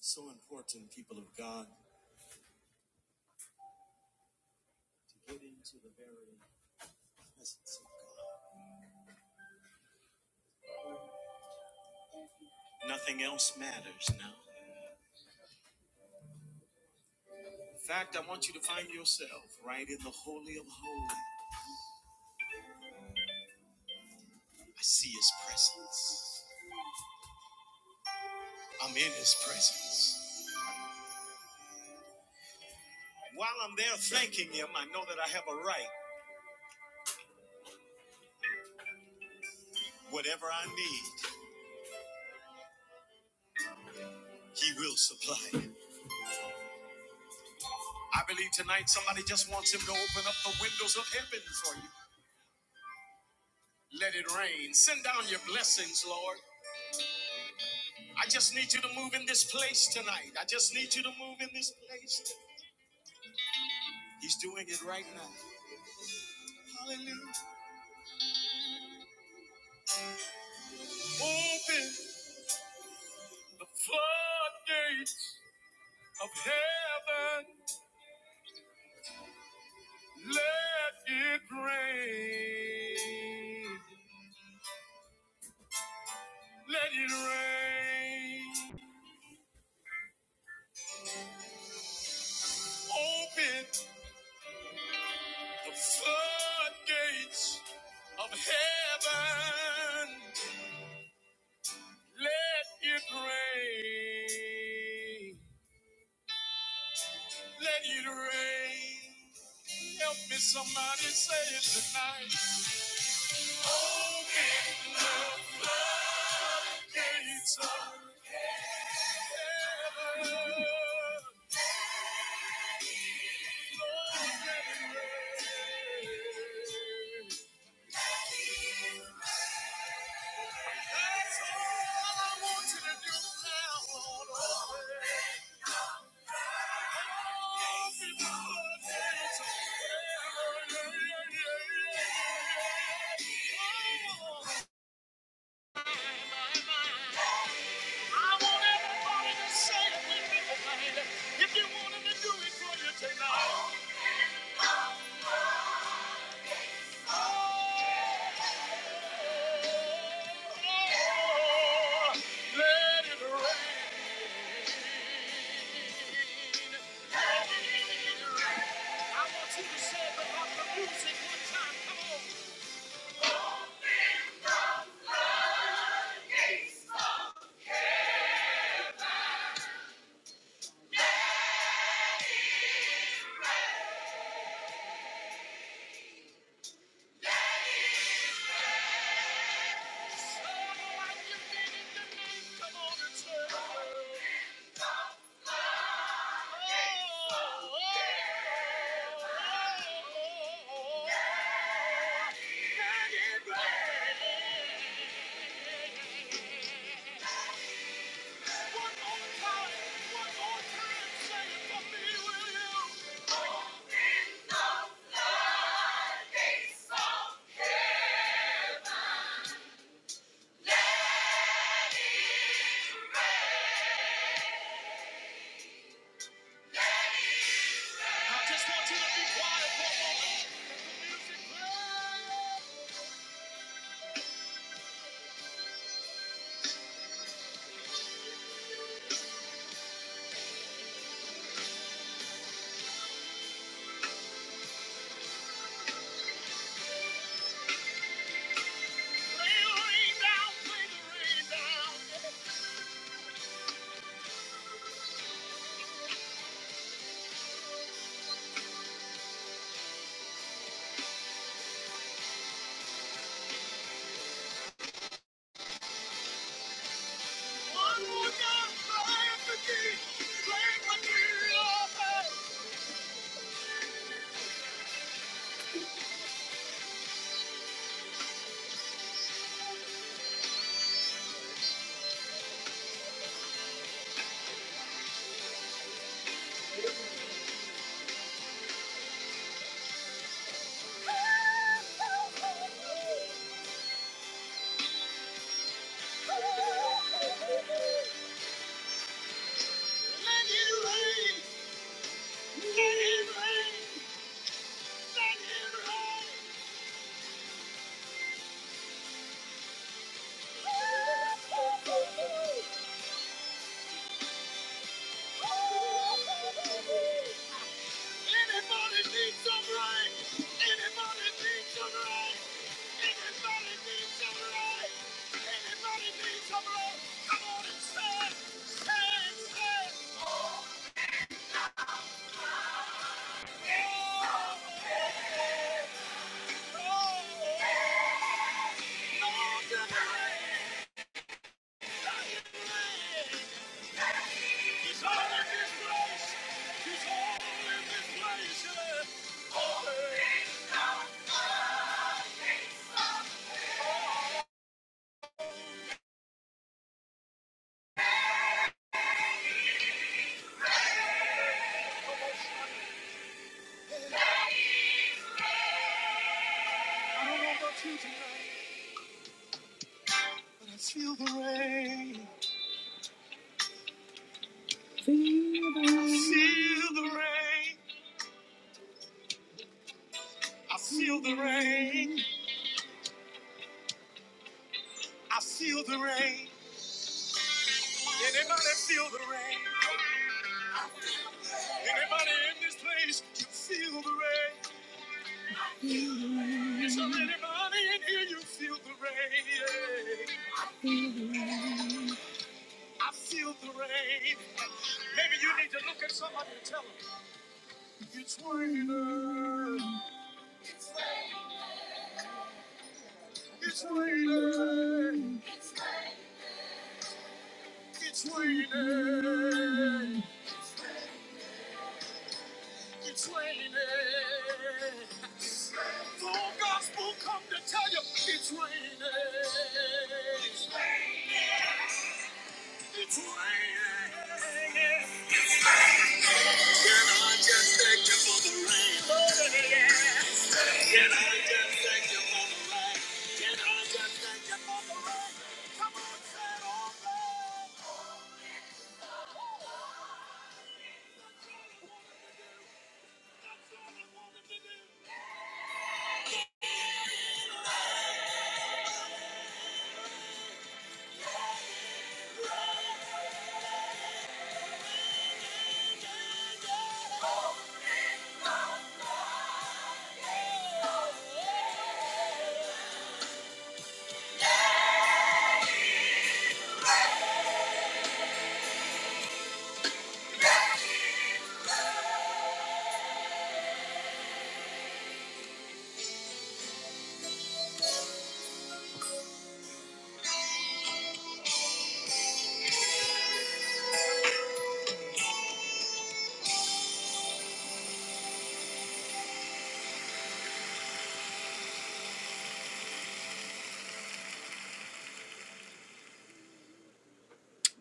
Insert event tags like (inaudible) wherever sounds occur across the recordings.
So important, people of God, to get into the very presence of God. Nothing else matters now. In fact, I want you to find yourself right in the Holy of Holies. I see His presence. I'm in His presence. While I'm there thanking Him, I know that I have a right. Whatever I need, He will supply it. I believe tonight somebody just wants Him to open up the windows of heaven for you. Let it rain. Send down your blessings, Lord. I just need you to move in this place tonight. I just need you to move in this place. tonight. He's doing it right now. Hallelujah. Open the floodgates of heaven. Let it rain. Let it rain. Open the floodgates of heaven. Let it rain. Let it rain. Help me somebody say it tonight. Open gates of heaven. That's all I want you to do now. Lord. Open the gates of heaven. I want everybody to say it with me tonight. If you want him to do it for you tonight. Oh, let it rain. Thank you. Yeah. He's all in this place. He's all in this place. Yeah. I don't know about you tonight, but I feel the rain. I Feel the rain. I feel the rain. I feel the rain. Anybody feel the rain? Anybody in this place? You feel the rain. Is there anybody in here? You feel the rain. Yeah. I feel the rain. Maybe you need to look at somebody and tell them it's raining. It's raining. It's raining. It's raining. The whole gospel come to tell you it's raining. It's raining. Can I just thank you for the rain? Can I just thank you for the rain? Come on, say it all back. That's all I wanted to do. That's all I wanted to do.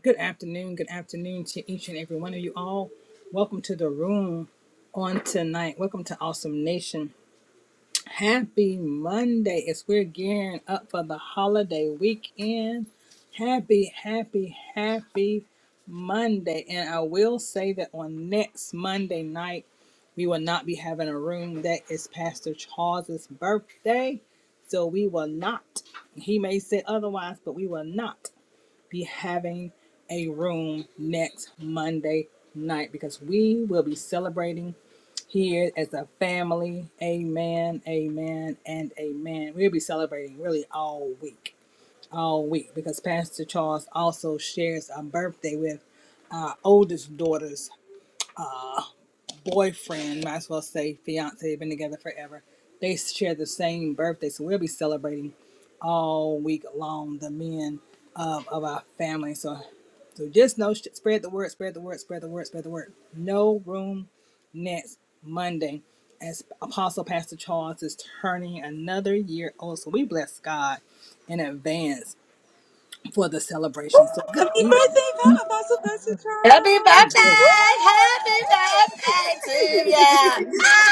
Good afternoon. Good afternoon to each and every one of you all. Welcome to the room on tonight. Welcome to Awesome Nation. Happy Monday as we're gearing up for the holiday weekend. Happy, happy, happy Monday. And I will say that on next Monday night, we will not be having a room. That is Pastor Charles's birthday. So we will not. He may say otherwise, but we will not be having a room next Monday night because we will be celebrating here as a family. Amen, amen, and amen. We'll be celebrating really all week, all week because Pastor Charles also shares a birthday with our oldest daughters boyfriend, might as well say fiance, they've been together forever. They share the same birthday, so we'll be celebrating all week long the men of, of our family. So, so just know, sh- spread the word, spread the word, spread the word, spread the word. No room next Monday, as Apostle Pastor Charles is turning another year old. So we bless God in advance for the celebration. So good Happy evening. birthday, Pa- Apostle Pastor Happy I birthday! Charles! know that. Happy birthday to ya!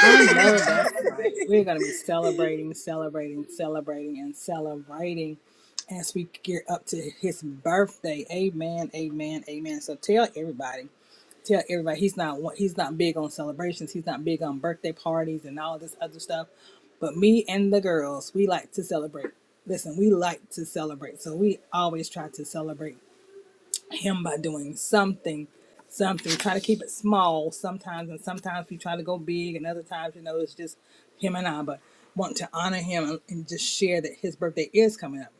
I know that's right. We're going to be Woo! (laughs) celebrating, celebrating, celebrating, and celebrating as we get up to his birthday. Amen, amen, amen. So tell everybody, tell everybody he's not he's not big on celebrations. He's not big on birthday parties and all this other stuff. But me and the girls, we like to celebrate. Listen, we like to celebrate. So we always try to celebrate him by doing something, something. Try to keep it small sometimes, and sometimes we try to go big, and other times, you know, it's just him and I. But want to honor him and and just share that his birthday is coming up.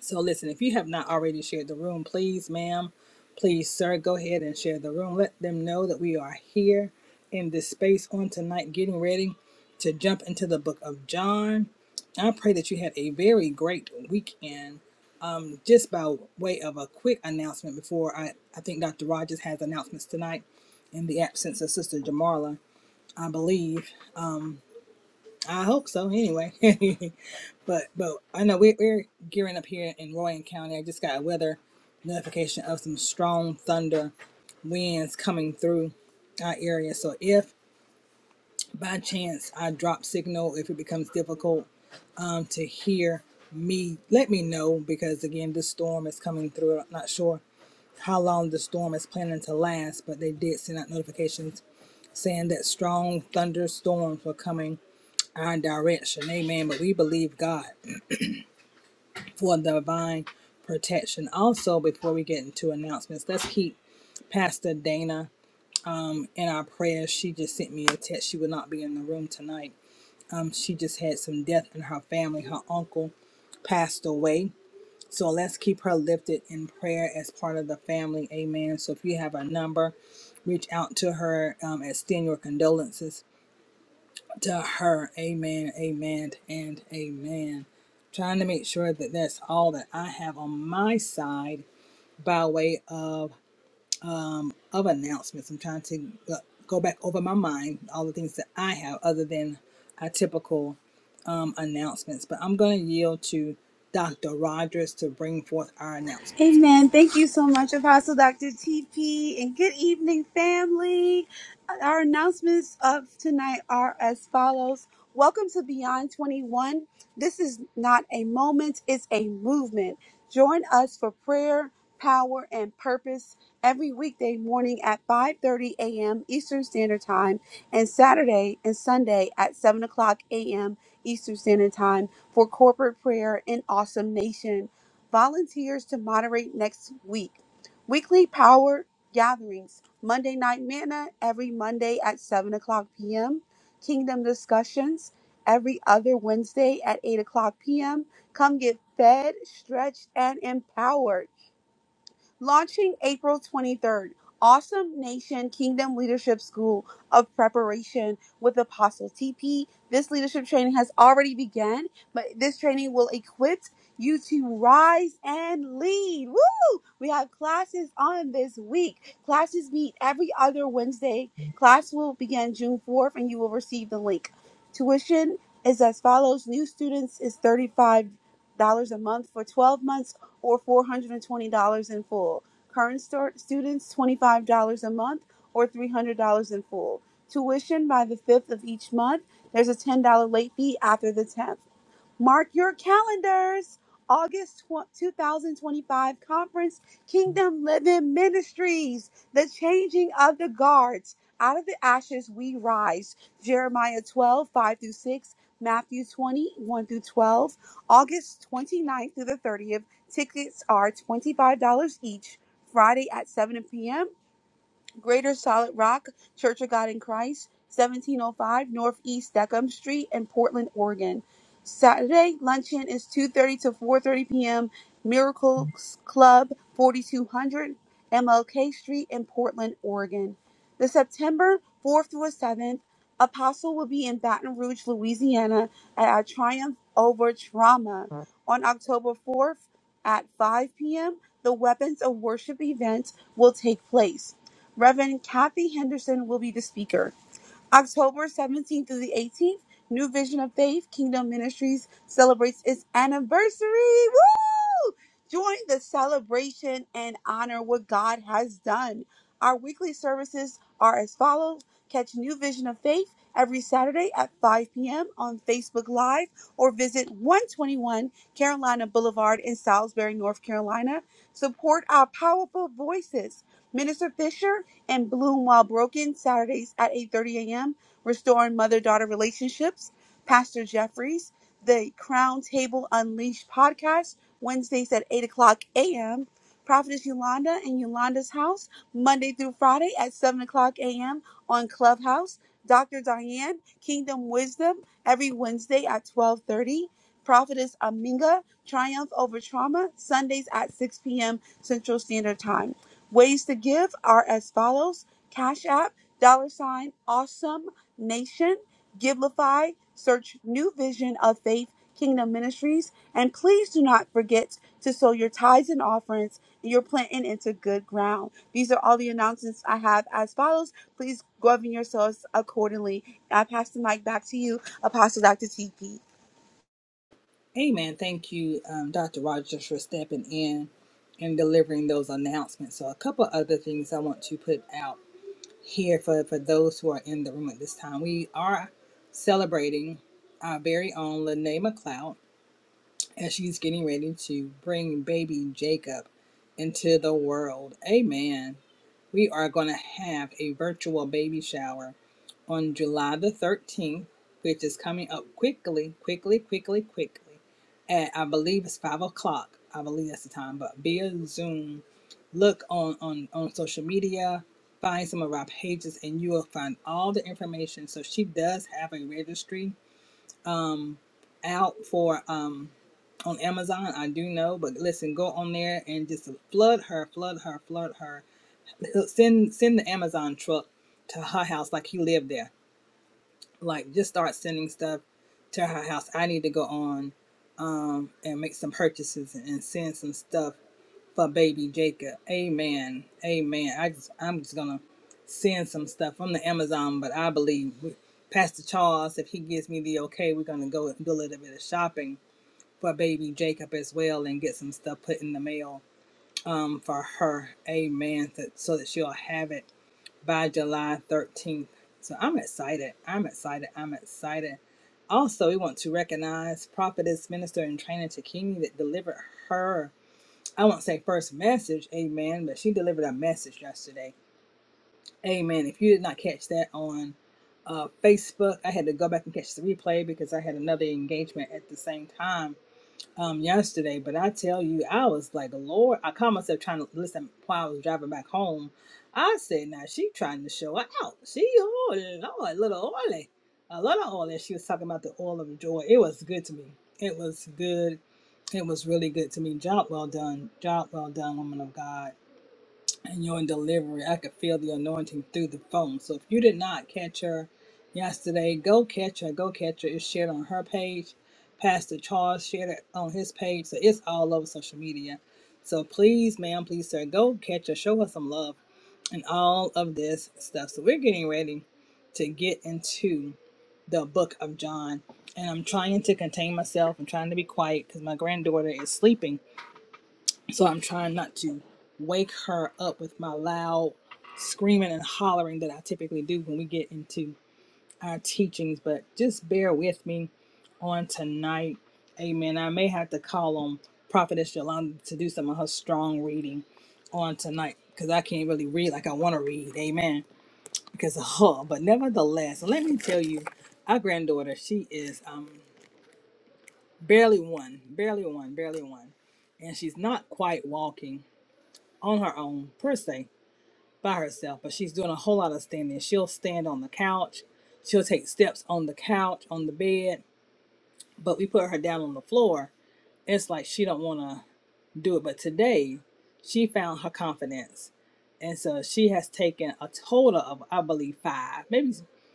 So listen, if you have not already shared the room, please, ma'am, please, sir, go ahead and share the room. Let them know that we are here in this space on tonight, getting ready to jump into the book of John. I pray that you had a very great weekend just by way of a quick announcement before I, I think Dr. Rogers has announcements tonight in the absence of Sister Jamarla, I believe. I hope so anyway. (laughs) but but I know we, we're gearing up here in Royan County. I just got a weather notification of some strong thunder winds coming through our area. So if by chance I drop signal, if it becomes difficult um, to hear me, let me know because again, this storm is coming through. I'm not sure how long the storm is planning to last, but they did send out notifications saying that strong thunderstorms were coming our direction. Amen. But we believe God for divine protection. Also, before we get into announcements, let's keep Pastor Dana in our prayers. She just sent me a text. She would not be in the room tonight. She just had some death in her family. Her uncle passed away So let's keep her lifted in prayer as part of the family. Amen. So if you have a number, reach out to her, um, extend your condolences to her. Amen. Amen. And amen. Trying to make sure that that's all that I have on my side by way of of announcements. I'm trying to go go back over my mind all the things that I have other than our typical um, announcements. But I'm going to yield to Dr. Rogers to bring forth our announcements. Amen. Thank you so much, Apostle Dr. TP, and good evening, family. Our announcements of tonight are as follows Welcome to Beyond 21. This is not a moment, it's a movement. Join us for prayer, power, and purpose every weekday morning at 5.30 a.m. Eastern Standard Time and Saturday and Sunday at 7 o'clock a.m. Eastern Standard Time for corporate prayer in Awesome Nation volunteers to moderate next week. Weekly power gatherings, Monday night manna every Monday at 7 o'clock p.m. Kingdom discussions every other Wednesday at 8 o'clock p.m. Come get fed, stretched, and empowered. Launching April 23rd, Awesome Nation Kingdom Leadership School of Preparation with Apostle TP. This leadership training has already begun, but this training will equip you to rise and lead. Woo! We have classes on this week. Classes meet every other Wednesday. Class will begin June 4th and you will receive the link. Tuition is as follows new students is $35 a month for 12 months or $420 in full. Current start students $25 a month or $300 in full. Tuition by the 5th of each month. There's a $10 late fee after the 10th. Mark your calendars. August 2025 conference, Kingdom Living Ministries, the changing of the guards. Out of the ashes we rise. Jeremiah 12 5 through 6, Matthew twenty one through 12. August twenty ninth through the 30th. Tickets are $25 each. Friday at 7 p.m. Greater Solid Rock Church of God in Christ, 1705 Northeast Deckham Street in Portland, Oregon. Saturday luncheon is 2:30 to 4:30 p.m. Miracles Club, 4200 MLK Street in Portland, Oregon. The September 4th through the 7th, Apostle will be in Baton Rouge, Louisiana at our Triumph Over Trauma. On October 4th at 5 p.m., the Weapons of Worship event will take place. Reverend Kathy Henderson will be the speaker. October 17th through the 18th, New Vision of Faith Kingdom Ministries celebrates its anniversary. Woo! Join the celebration and honor what God has done. Our weekly services are as follows. Catch New Vision of Faith every Saturday at 5 p.m. on Facebook Live or visit 121 Carolina Boulevard in Salisbury, North Carolina. Support our powerful voices Minister Fisher and Bloom While Broken, Saturdays at 8.30 a.m., Restoring Mother-Daughter Relationships, Pastor Jeffries, the Crown Table Unleashed podcast, Wednesdays at 8 o'clock a.m., Prophetess Yolanda and Yolanda's House, Monday through Friday at 7 o'clock a.m. on Clubhouse, Dr. Diane, Kingdom Wisdom, every Wednesday at 12.30, Prophetess Aminga, Triumph Over Trauma, Sundays at 6 p.m. Central Standard Time. Ways to give are as follows Cash App, dollar sign, awesome nation, Givelify, search New Vision of Faith Kingdom Ministries, and please do not forget to sow your tithes and offerings. You're planting into good ground. These are all the announcements I have as follows. Please govern yourselves accordingly. I pass the mic back to you, Apostle Dr. TP. Amen. Thank you, um, Dr. Rogers, for stepping in and delivering those announcements. So, a couple other things I want to put out here for, for those who are in the room at this time. We are celebrating our very own Lene McLeod as she's getting ready to bring baby Jacob into the world. Amen. We are going to have a virtual baby shower on July the 13th, which is coming up quickly, quickly, quickly, quickly. At I believe it's five o'clock. I believe that's the time, but via Zoom. Look on on on social media, find some of our pages, and you will find all the information. So she does have a registry um out for um on Amazon. I do know, but listen, go on there and just flood her, flood her, flood her he'll send send the Amazon truck to her house like he lived there. Like just start sending stuff to her house. I need to go on um and make some purchases and, send some stuff for baby Jacob. Amen. Amen. I just I'm just gonna send some stuff from the Amazon, but I believe we, Pastor Charles, if he gives me the okay, we're gonna go and do a little bit of shopping for baby Jacob as well and get some stuff put in the mail um for her. Amen. So, so that she'll have it by July 13th. So I'm excited. I'm excited. I'm excited. Also, we want to recognize prophetess, minister, and trainer Takini that delivered her, I won't say first message, amen, but she delivered a message yesterday. Amen. If you did not catch that on uh, Facebook, I had to go back and catch the replay because I had another engagement at the same time um yesterday, but I tell you, I was like, Lord, I caught myself trying to listen while I was driving back home. I said, now she trying to show her out. She oh Lord, a little oily. A lot of oil she was talking about the oil of joy. It was good to me. It was good. It was really good to me. Job well done. Job well done, woman of God and your delivery. I could feel the anointing through the phone. So if you did not catch her yesterday, go catch her. Go catch her. It's shared on her page. Pastor Charles shared it on his page. So it's all over social media. So please, ma'am, please, sir, go catch her. Show her some love and all of this stuff. So we're getting ready to get into the book of John. And I'm trying to contain myself. I'm trying to be quiet because my granddaughter is sleeping so I'm trying not to wake her up with my loud screaming and hollering that I typically do when we get into our teachings. But just bear with me on tonight. Amen. I may have to call on Prophetess Yolanda to do some of her strong reading on tonight because I can't really read like I want to read. Amen. Because of her. But nevertheless, let me tell you, our granddaughter, she is um, barely one, barely one, barely one. And she's not quite walking on her own per se by herself, but she's doing a whole lot of standing. She'll stand on the couch, she'll take steps on the couch, on the bed, but we put her down on the floor. It's like she don't want to do it, but today she found her confidence. And so she has taken a total of I believe 5, maybe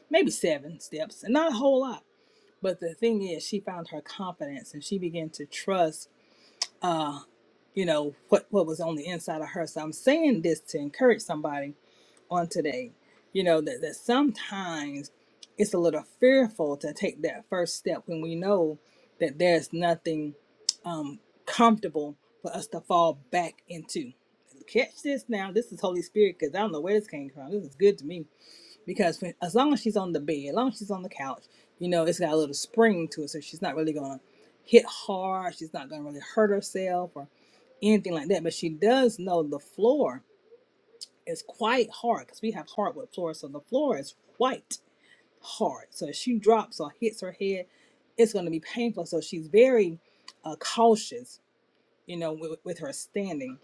maybe 7 steps, and not a whole lot. But the thing is she found her confidence and she began to trust uh you know what what was on the inside of her. So I'm saying this to encourage somebody on today you know that, that sometimes it's a little fearful to take that first step when we know that there's nothing um, comfortable for us to fall back into catch this now this is holy spirit because i don't know where this came from this is good to me because when, as long as she's on the bed as long as she's on the couch you know it's got a little spring to it so she's not really gonna hit hard she's not gonna really hurt herself or anything like that but she does know the floor is quite hard because we have hardwood floors, so the floor is quite hard. So if she drops or hits her head, it's going to be painful. So she's very uh, cautious you know, with, with her standing.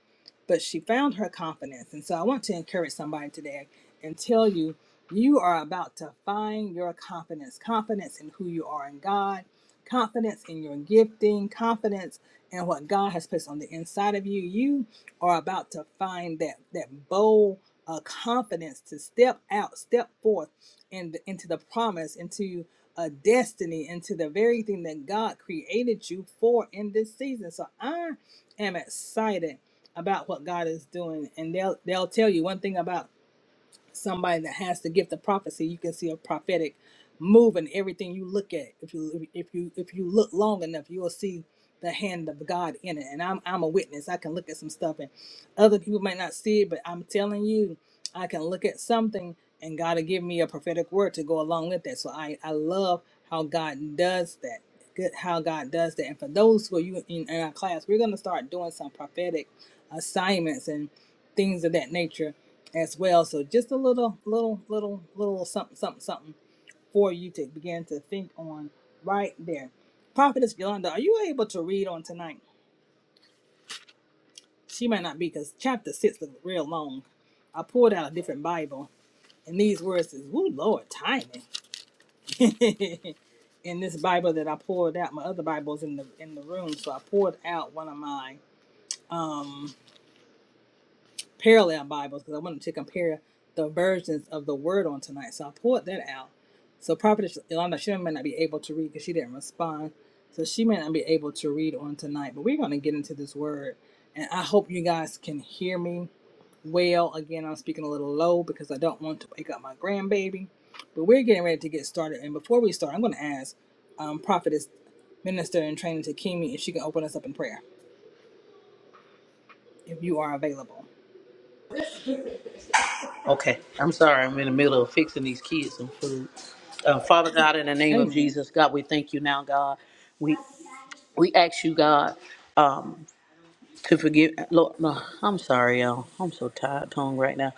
But she found her confidence. And so I want to encourage somebody today and tell you, you are about to find your confidence confidence in who you are in God, confidence in your gifting, confidence in what God has placed on the inside of you. You are about to find that, that bold uh, confidence to step out, step forth and into the promise, into a destiny into the very thing that God created you for in this season. So I am excited about what God is doing, and they'll they'll tell you one thing about somebody that has the gift of prophecy, you can see a prophetic move in everything you look at. If you if you if you look long enough, you'll see the hand of God in it. And I'm I'm a witness. I can look at some stuff and other people might not see it, but I'm telling you, I can look at something and God will give me a prophetic word to go along with that. So I I love how God does that. Good how God does that. And for those who are you in, in our class, we're gonna start doing some prophetic assignments and things of that nature as well. So just a little, little, little, little something, something, something for you to begin to think on right there. Prophetess Yolanda, are you able to read on tonight? She might not be because chapter six is real long. I pulled out a different Bible, and these words is, "Ooh, Lord, timing." (laughs) in this Bible that I pulled out, my other Bible's in the in the room, so I pulled out one of mine. parallel Bibles because I wanted to compare the versions of the word on tonight. So I pulled that out. So Prophetess Yolanda, she may not be able to read because she didn't respond. So she may not be able to read on tonight, but we're going to get into this word. And I hope you guys can hear me well. Again, I'm speaking a little low because I don't want to wake up my grandbaby. But we're getting ready to get started. And before we start, I'm going to ask um, Prophetess Minister in Training to if she can open us up in prayer, if you are available. Okay, I'm sorry. I'm in the middle of fixing these kids some food. Uh, Father God, in the name of Amen. Jesus, God, we thank you now, God. We we ask you, God, um, to forgive. Lord, no, I'm sorry, y'all. I'm so tired, tongue right now.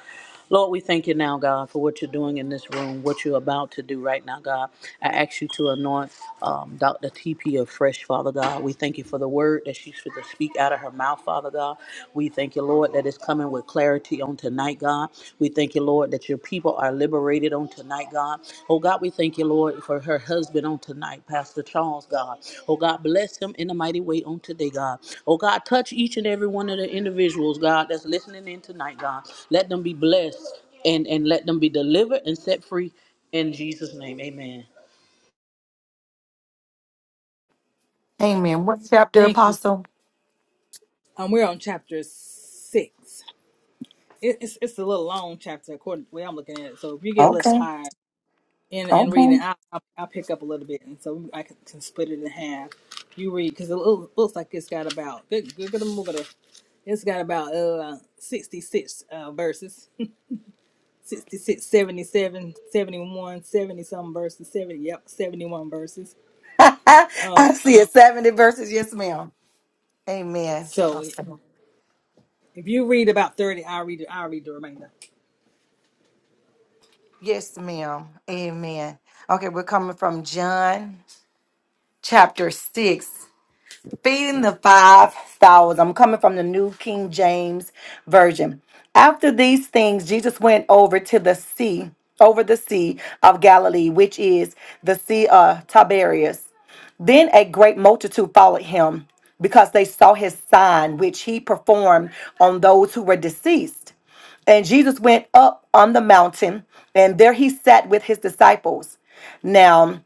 Lord, we thank you now, God, for what you're doing in this room, what you're about to do right now, God. I ask you to anoint um, Dr. TP of Fresh, Father God. We thank you for the word that she's going to speak out of her mouth, Father God. We thank you, Lord, that it's coming with clarity on tonight, God. We thank you, Lord, that your people are liberated on tonight, God. Oh, God, we thank you, Lord, for her husband on tonight, Pastor Charles, God. Oh, God, bless him in a mighty way on today, God. Oh, God, touch each and every one of the individuals, God, that's listening in tonight, God. Let them be blessed and, and let them be delivered and set free in Jesus' name. Amen. Amen. What chapter, Thank you. Apostle? Um, we're on chapter six. It, it's it's a little long chapter according to the way I'm looking at it. So if you get a little Okay, tired in in reading, okay. I I'll, I'll pick up a little bit, and so I can, can split it in half. You read because it loo- looks like it's got about good good good good. good- It's got about uh 66 uh verses, (laughs) 66, 77, 71, 70 some verses, 70 yep, 71 verses. (laughs) I see it. 70 verses. Yes, ma'am. Amen. So Okay. if you read about 30, I'll read I read the remainder. Yes, ma'am. Amen. Okay, we're coming from John chapter 6. Feeding the 5,000. I'm coming from the New King James Version. After these things, Jesus went over to the sea, over the sea of Galilee, which is the Sea of Tiberias. Then a great multitude followed him because they saw his sign, which he performed on those who were deceased. And Jesus went up on the mountain, and there he sat with his disciples. Now,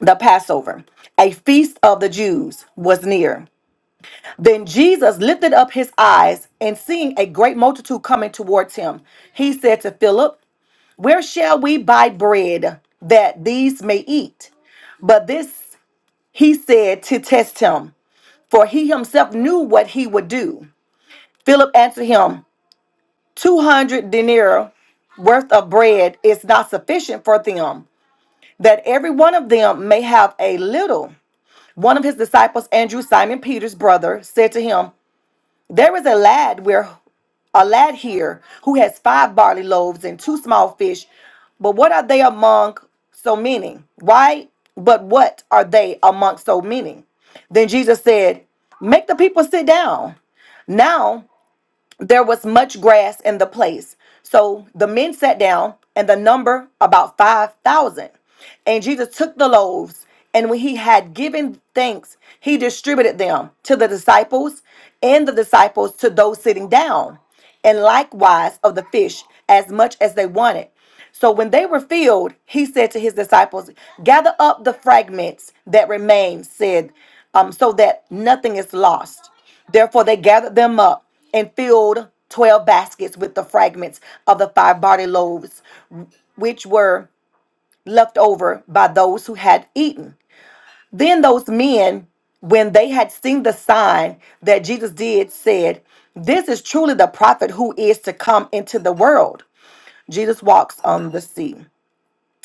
the Passover, a feast of the Jews, was near. Then Jesus lifted up his eyes and seeing a great multitude coming towards him, he said to Philip, Where shall we buy bread that these may eat? But this he said to test him, for he himself knew what he would do. Philip answered him, 200 denarii worth of bread is not sufficient for them, that every one of them may have a little. One of his disciples, Andrew, Simon Peter's brother, said to him, There is a lad where a lad here who has five barley loaves and two small fish, but what are they among so many? Why? But what are they among so many? Then Jesus said, Make the people sit down. Now there was much grass in the place. So the men sat down, and the number about 5,000. And Jesus took the loaves, and when he had given thanks, he distributed them to the disciples and the disciples to those sitting down, and likewise of the fish, as much as they wanted. So when they were filled, he said to his disciples, Gather up the fragments that remain, said, um, so that nothing is lost. Therefore, they gathered them up and filled twelve baskets with the fragments of the five barley loaves, which were left over by those who had eaten. Then those men, when they had seen the sign that Jesus did, said, This is truly the prophet who is to come into the world. Jesus walks on the sea.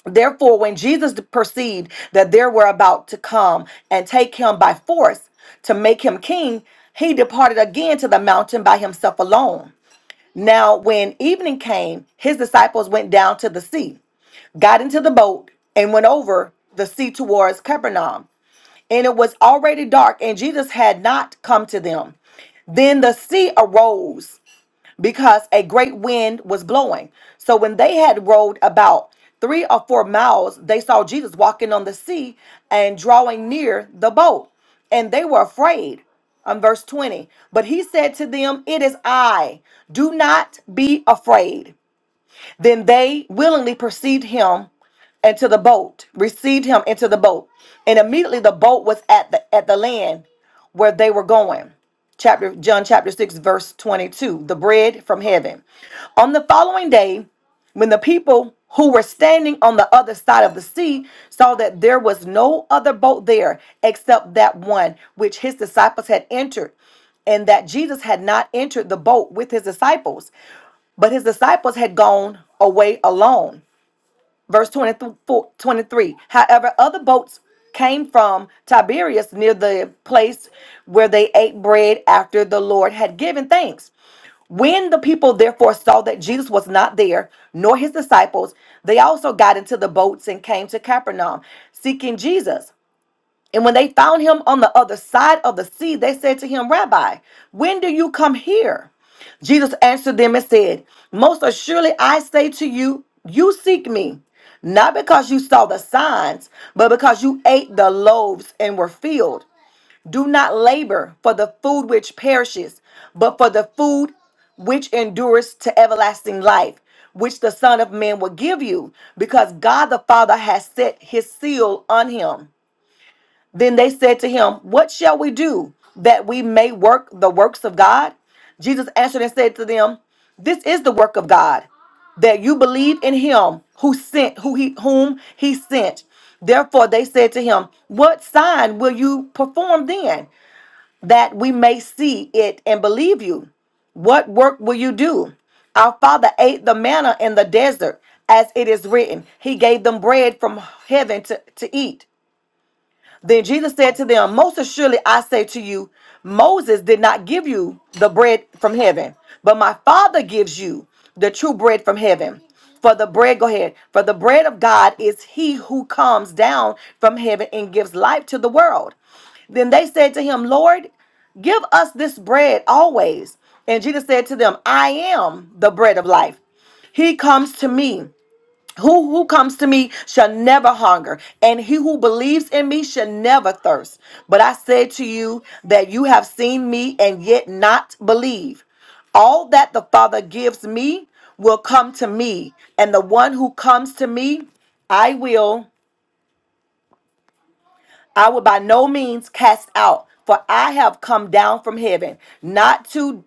Therefore, when Jesus perceived that they were about to come and take him by force to make him king, he departed again to the mountain by himself alone. Now, when evening came, his disciples went down to the sea got into the boat and went over the sea towards Capernaum. And it was already dark, and Jesus had not come to them. Then the sea arose because a great wind was blowing. So when they had rowed about three or four miles, they saw Jesus walking on the sea and drawing near the boat. And they were afraid. On verse 20, but he said to them, It is I, do not be afraid. Then they willingly perceived him into the boat, received him into the boat. And immediately the boat was at the at the land where they were going. Chapter John chapter 6 verse 22, the bread from heaven. On the following day, when the people who were standing on the other side of the sea saw that there was no other boat there except that one which his disciples had entered, and that Jesus had not entered the boat with his disciples, but his disciples had gone away alone. Verse 23. However, other boats came from Tiberias near the place where they ate bread after the Lord had given thanks. When the people therefore saw that Jesus was not there, nor his disciples, they also got into the boats and came to Capernaum, seeking Jesus. And when they found him on the other side of the sea, they said to him, Rabbi, when do you come here? Jesus answered them and said, Most assuredly I say to you, you seek me, not because you saw the signs, but because you ate the loaves and were filled. Do not labor for the food which perishes, but for the food which endures to everlasting life, which the Son of Man will give you, because God the Father has set his seal on him. Then they said to him, What shall we do that we may work the works of God? Jesus answered and said to them, This is the work of God, that you believe in him who sent who he whom he sent. Therefore they said to him, What sign will you perform then that we may see it and believe you? What work will you do? Our father ate the manna in the desert, as it is written. He gave them bread from heaven to, to eat. Then Jesus said to them, Most assuredly I say to you, Moses did not give you the bread from heaven, but my Father gives you the true bread from heaven. For the bread, go ahead, for the bread of God is he who comes down from heaven and gives life to the world. Then they said to him, Lord, give us this bread always. And Jesus said to them, I am the bread of life. He comes to me who who comes to me shall never hunger, and he who believes in me shall never thirst. But I said to you that you have seen me and yet not believe. All that the Father gives me will come to me, and the one who comes to me, I will I will by no means cast out, for I have come down from heaven not to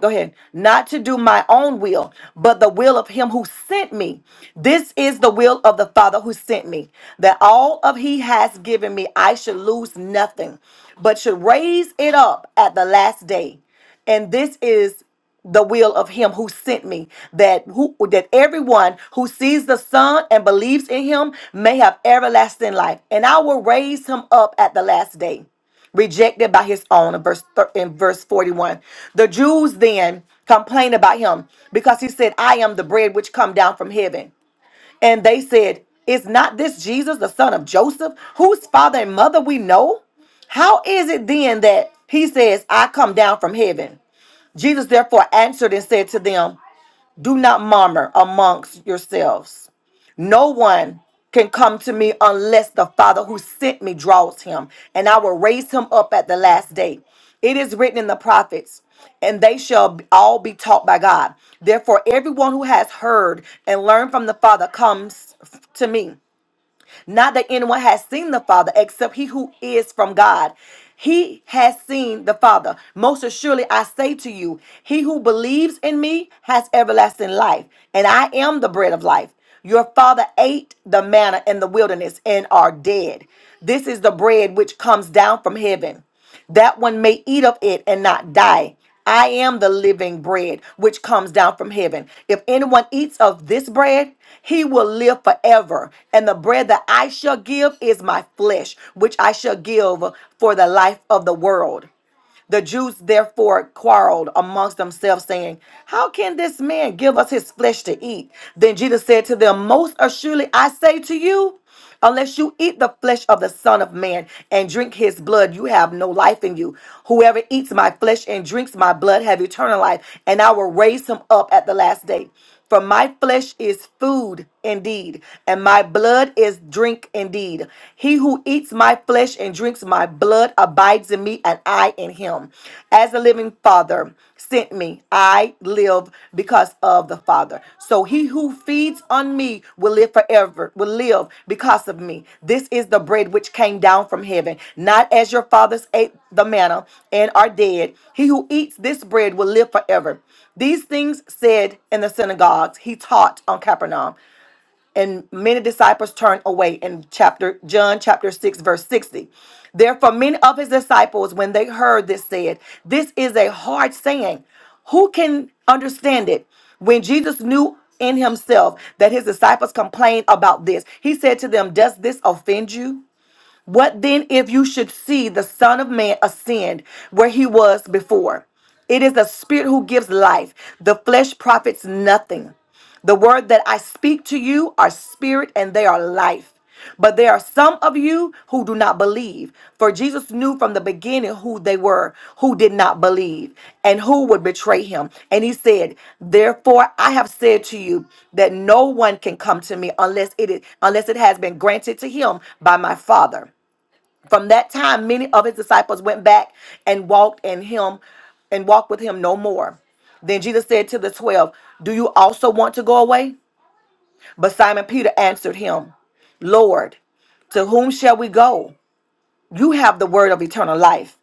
Go ahead. Not to do my own will, but the will of him who sent me. This is the will of the Father who sent me, that all of he has given me, I should lose nothing, but should raise it up at the last day. And this is the will of him who sent me that who that everyone who sees the son and believes in him may have everlasting life and i will raise him up at the last day rejected by his own in verse thir- in verse 41 the jews then complained about him because he said i am the bread which come down from heaven and they said is not this jesus the son of joseph whose father and mother we know how is it then that he says, 'I come down from heaven jesus therefore answered and said to them do not murmur amongst yourselves no one can come to me unless the Father who sent me draws him, and I will raise him up at the last day. It is written in the prophets, and they shall all be taught by God. Therefore, everyone who has heard and learned from the Father comes to me. Not that anyone has seen the Father except he who is from God. He has seen the Father. Most assuredly, I say to you, he who believes in me has everlasting life, and I am the bread of life. Your father ate the manna in the wilderness and are dead. This is the bread which comes down from heaven that one may eat of it and not die. I am the living bread which comes down from heaven. If anyone eats of this bread, he will live forever. And the bread that I shall give is my flesh, which I shall give for the life of the world. The Jews therefore quarreled amongst themselves, saying, How can this man give us his flesh to eat? Then Jesus said to them, Most assuredly I say to you, Unless you eat the flesh of the Son of Man and drink his blood, you have no life in you. Whoever eats my flesh and drinks my blood have eternal life, and I will raise him up at the last day. For my flesh is food indeed, and my blood is drink indeed. He who eats my flesh and drinks my blood abides in me, and I in him. As the living Father sent me, I live because of the Father. So he who who feeds on me will live forever, will live because of me. This is the bread which came down from heaven, not as your fathers ate the manna and are dead. He who eats this bread will live forever. These things said in the synagogues, he taught on Capernaum, and many disciples turned away in chapter John chapter 6 verse 60. Therefore many of his disciples when they heard this said, this is a hard saying. Who can understand it? When Jesus knew in himself that his disciples complained about this, he said to them, does this offend you? What then if you should see the Son of Man ascend where he was before? It is the Spirit who gives life, the flesh profits nothing. The word that I speak to you are spirit and they are life. But there are some of you who do not believe. For Jesus knew from the beginning who they were, who did not believe, and who would betray him. And he said, Therefore I have said to you that no one can come to me unless it is unless it has been granted to him by my Father. From that time, many of his disciples went back and walked in him and walked with him no more. Then Jesus said to the twelve, Do you also want to go away? But Simon Peter answered him, Lord, to whom shall we go? You have the word of eternal life.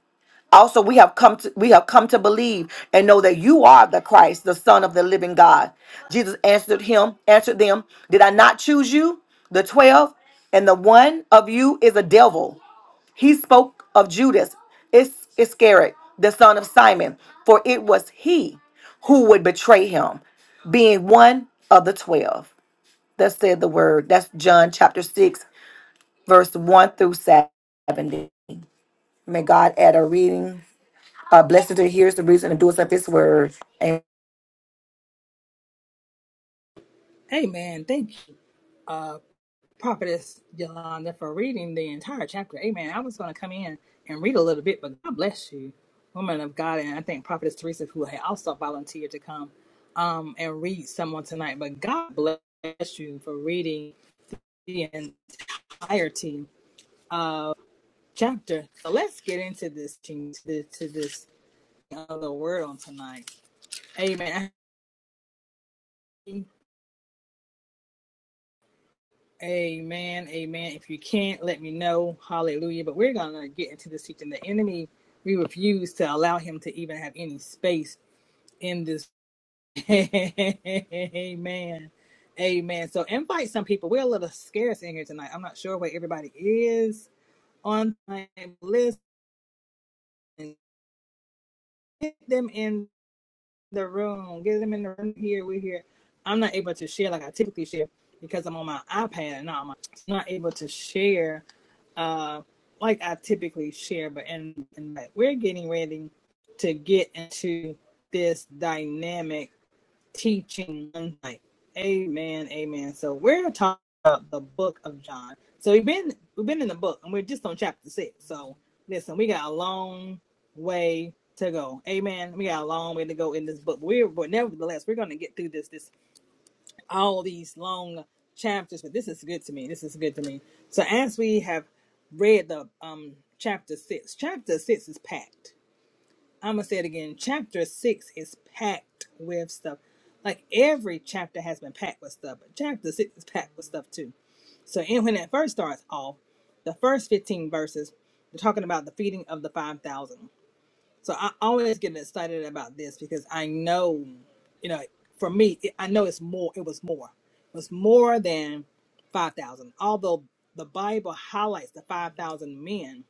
Also, we have come to we have come to believe and know that you are the Christ, the Son of the living God. Jesus answered him, answered them, Did I not choose you, the twelve, and the one of you is a devil? He spoke of Judas Is- Iscariot, the son of Simon, for it was he who would betray him, being one of the twelve. That said the word. That's John chapter 6, verse 1 through 70. May God add a reading. a blessing to hear the reason and do us of his word. And Amen. Thank you. Prophetess Yolanda for reading the entire chapter. Amen. I was going to come in and read a little bit, but God bless you, woman of God. And I think Prophetess Teresa, who had also volunteered to come um, and read someone tonight. But God bless you for reading the entirety of chapter. So let's get into this, to, this, to this other world tonight. Amen. I Amen. Amen. If you can't, let me know. Hallelujah. But we're going to get into this teaching. The enemy, we refuse to allow him to even have any space in this. (laughs) Amen. Amen. So invite some people. We're a little scarce in here tonight. I'm not sure where everybody is on my list. and Get them in the room. Get them in the room here. We're here. I'm not able to share like I typically share because I'm on my iPad and I'm not able to share uh, like I typically share. But and, and like, we're getting ready to get into this dynamic teaching. And like, amen, amen. So we're talking about the book of John. So we've been we've been in the book, and we're just on chapter six. So listen, we got a long way to go. Amen. We got a long way to go in this book. We're but nevertheless, we're gonna get through this this all these long chapters. But this is good to me. This is good to me. So as we have read the um chapter six, chapter six is packed I'm gonna say it again. Chapter six is packed with stuff. Like every chapter has been packed with stuff, but chapter six is packed with stuff too. So, and when it first starts off, the first 15 verses, they're talking about the feeding of the 5,000. So, I always get excited about this because I know, you know, for me, it, I know it's more, it was more. It was more than 5,000. Although the Bible highlights the 5,000 men,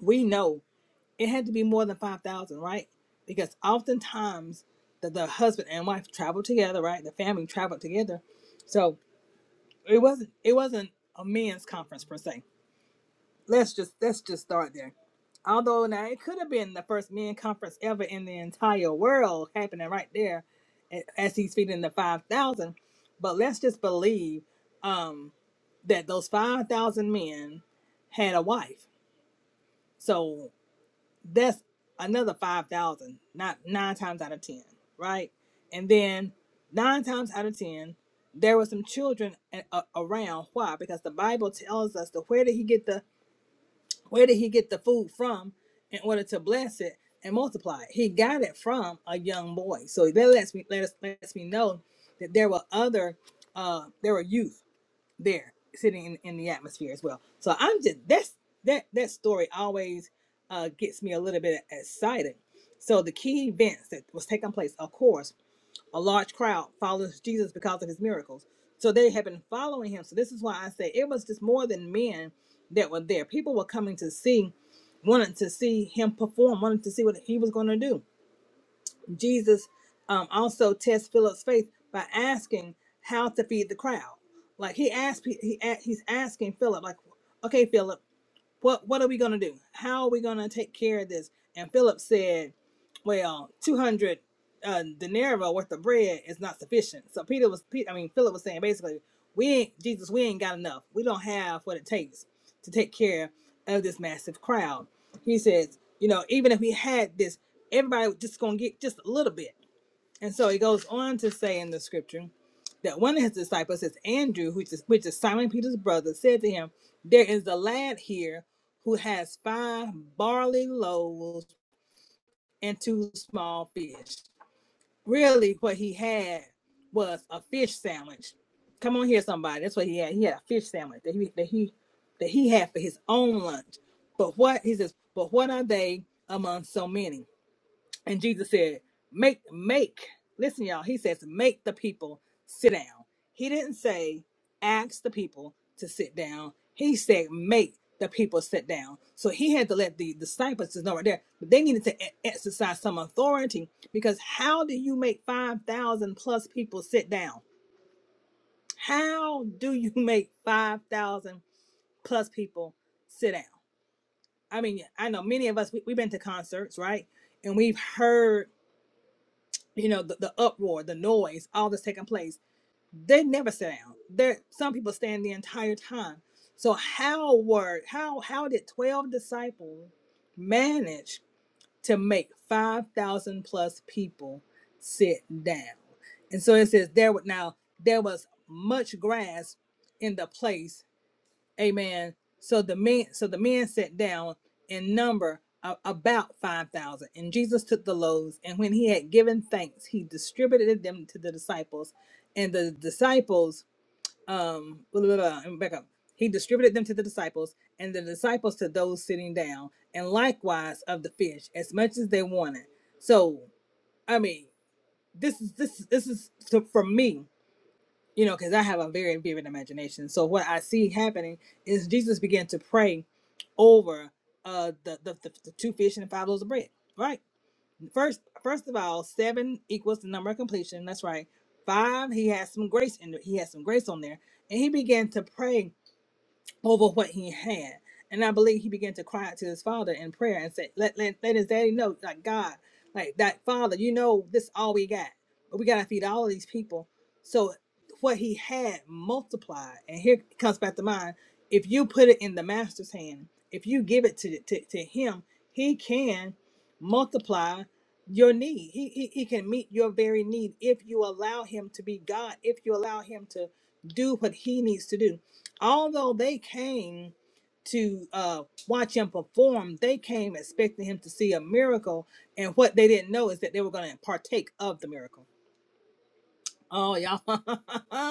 we know it had to be more than five thousand, right? Because oftentimes the, the husband and wife traveled together, right? The family traveled together, so it wasn't it wasn't a men's conference per se. Let's just let's just start there. Although now it could have been the first men conference ever in the entire world happening right there, a- as he's feeding the five thousand. But let's just believe um, that those five thousand men had a wife. So that's another 5000 not nine times out of ten right and then nine times out of ten there were some children a- a- around why because the bible tells us that where did he get the where did he get the food from in order to bless it and multiply it he got it from a young boy so that lets me let us lets me know that there were other uh there were youth there sitting in, in the atmosphere as well so i'm just that's that that story always uh, gets me a little bit excited so the key events that was taking place of course a large crowd follows jesus because of his miracles so they had been following him so this is why i say it was just more than men that were there people were coming to see wanted to see him perform wanted to see what he was going to do Jesus um, also tests Philip's faith by asking how to feed the crowd. Like he asked, he, a- he's asking Philip, like, okay, Philip, what what are we gonna do? How are we gonna take care of this? And Philip said, Well, two hundred uh, denarii worth of bread is not sufficient. So Peter was, I mean, Philip was saying basically, we ain't Jesus, we ain't got enough. We don't have what it takes to take care of this massive crowd. He says, you know, even if we had this, everybody just gonna get just a little bit. And so it goes on to say in the scripture that one of his disciples, is Andrew, which is, which is Simon Peter's brother, said to him, There is a lad here who has five barley loaves and two small fish. Really, what he had was a fish sandwich. Come on here, somebody. That's what he had. He had a fish sandwich that he that he that he had for his own lunch. But what he says, but what are they among so many? And Jesus said, Make, make, listen, y'all, he says, Make the people sit down. He didn't say, Ask the people to sit down. He said, Make the people sit down. So he had to let the disciples just know right there, but they needed to e- exercise some authority because how do you make 5,000 plus people sit down? How do you (laughs) make 5,000 plus people sit down? I mean, I know many of us, we, we've been to concerts, right? And we've heard you know the, the uproar the noise all that's taking place they never sit down there some people stand the entire time so how were how how did 12 disciples manage to make 5000 plus people sit down and so it says there was now there was much grass in the place Amen. So the men, so the men sat down in number a- about five thousand, and Jesus took the loaves, and when he had given thanks, he distributed them to the disciples, and the disciples, um, blah, blah, blah, and back up. He distributed them to the disciples, and the disciples to those sitting down, and likewise of the fish, as much as they wanted. So, I mean, this is this is- this is to, for me you know, because I have a very vivid imagination. So what I see happening is Jesus began to pray over uh the the, the, the two fish and the five loaves of bread. Right. First, first of all, seven equals the number of completion. That's right. Five, he has some grace in there. He has some grace on there, and he began to pray over what he had. And I believe he began to cry out to his father in prayer and said, let, let, let his daddy know, like, God, like that father, you know, this all we got. But we got to feed all of these people. So what he had multiplied. And here comes back to mind. If you put it in the master's hand, if you give it to, to, to him, he can multiply your need. He, he, he can meet your very need if you allow him to be God, if you allow him to do what he needs to do although they came to uh, watch him perform, they came expecting him to see a miracle. And what they didn't know is that they were going to partake of the miracle. Oh, y'all.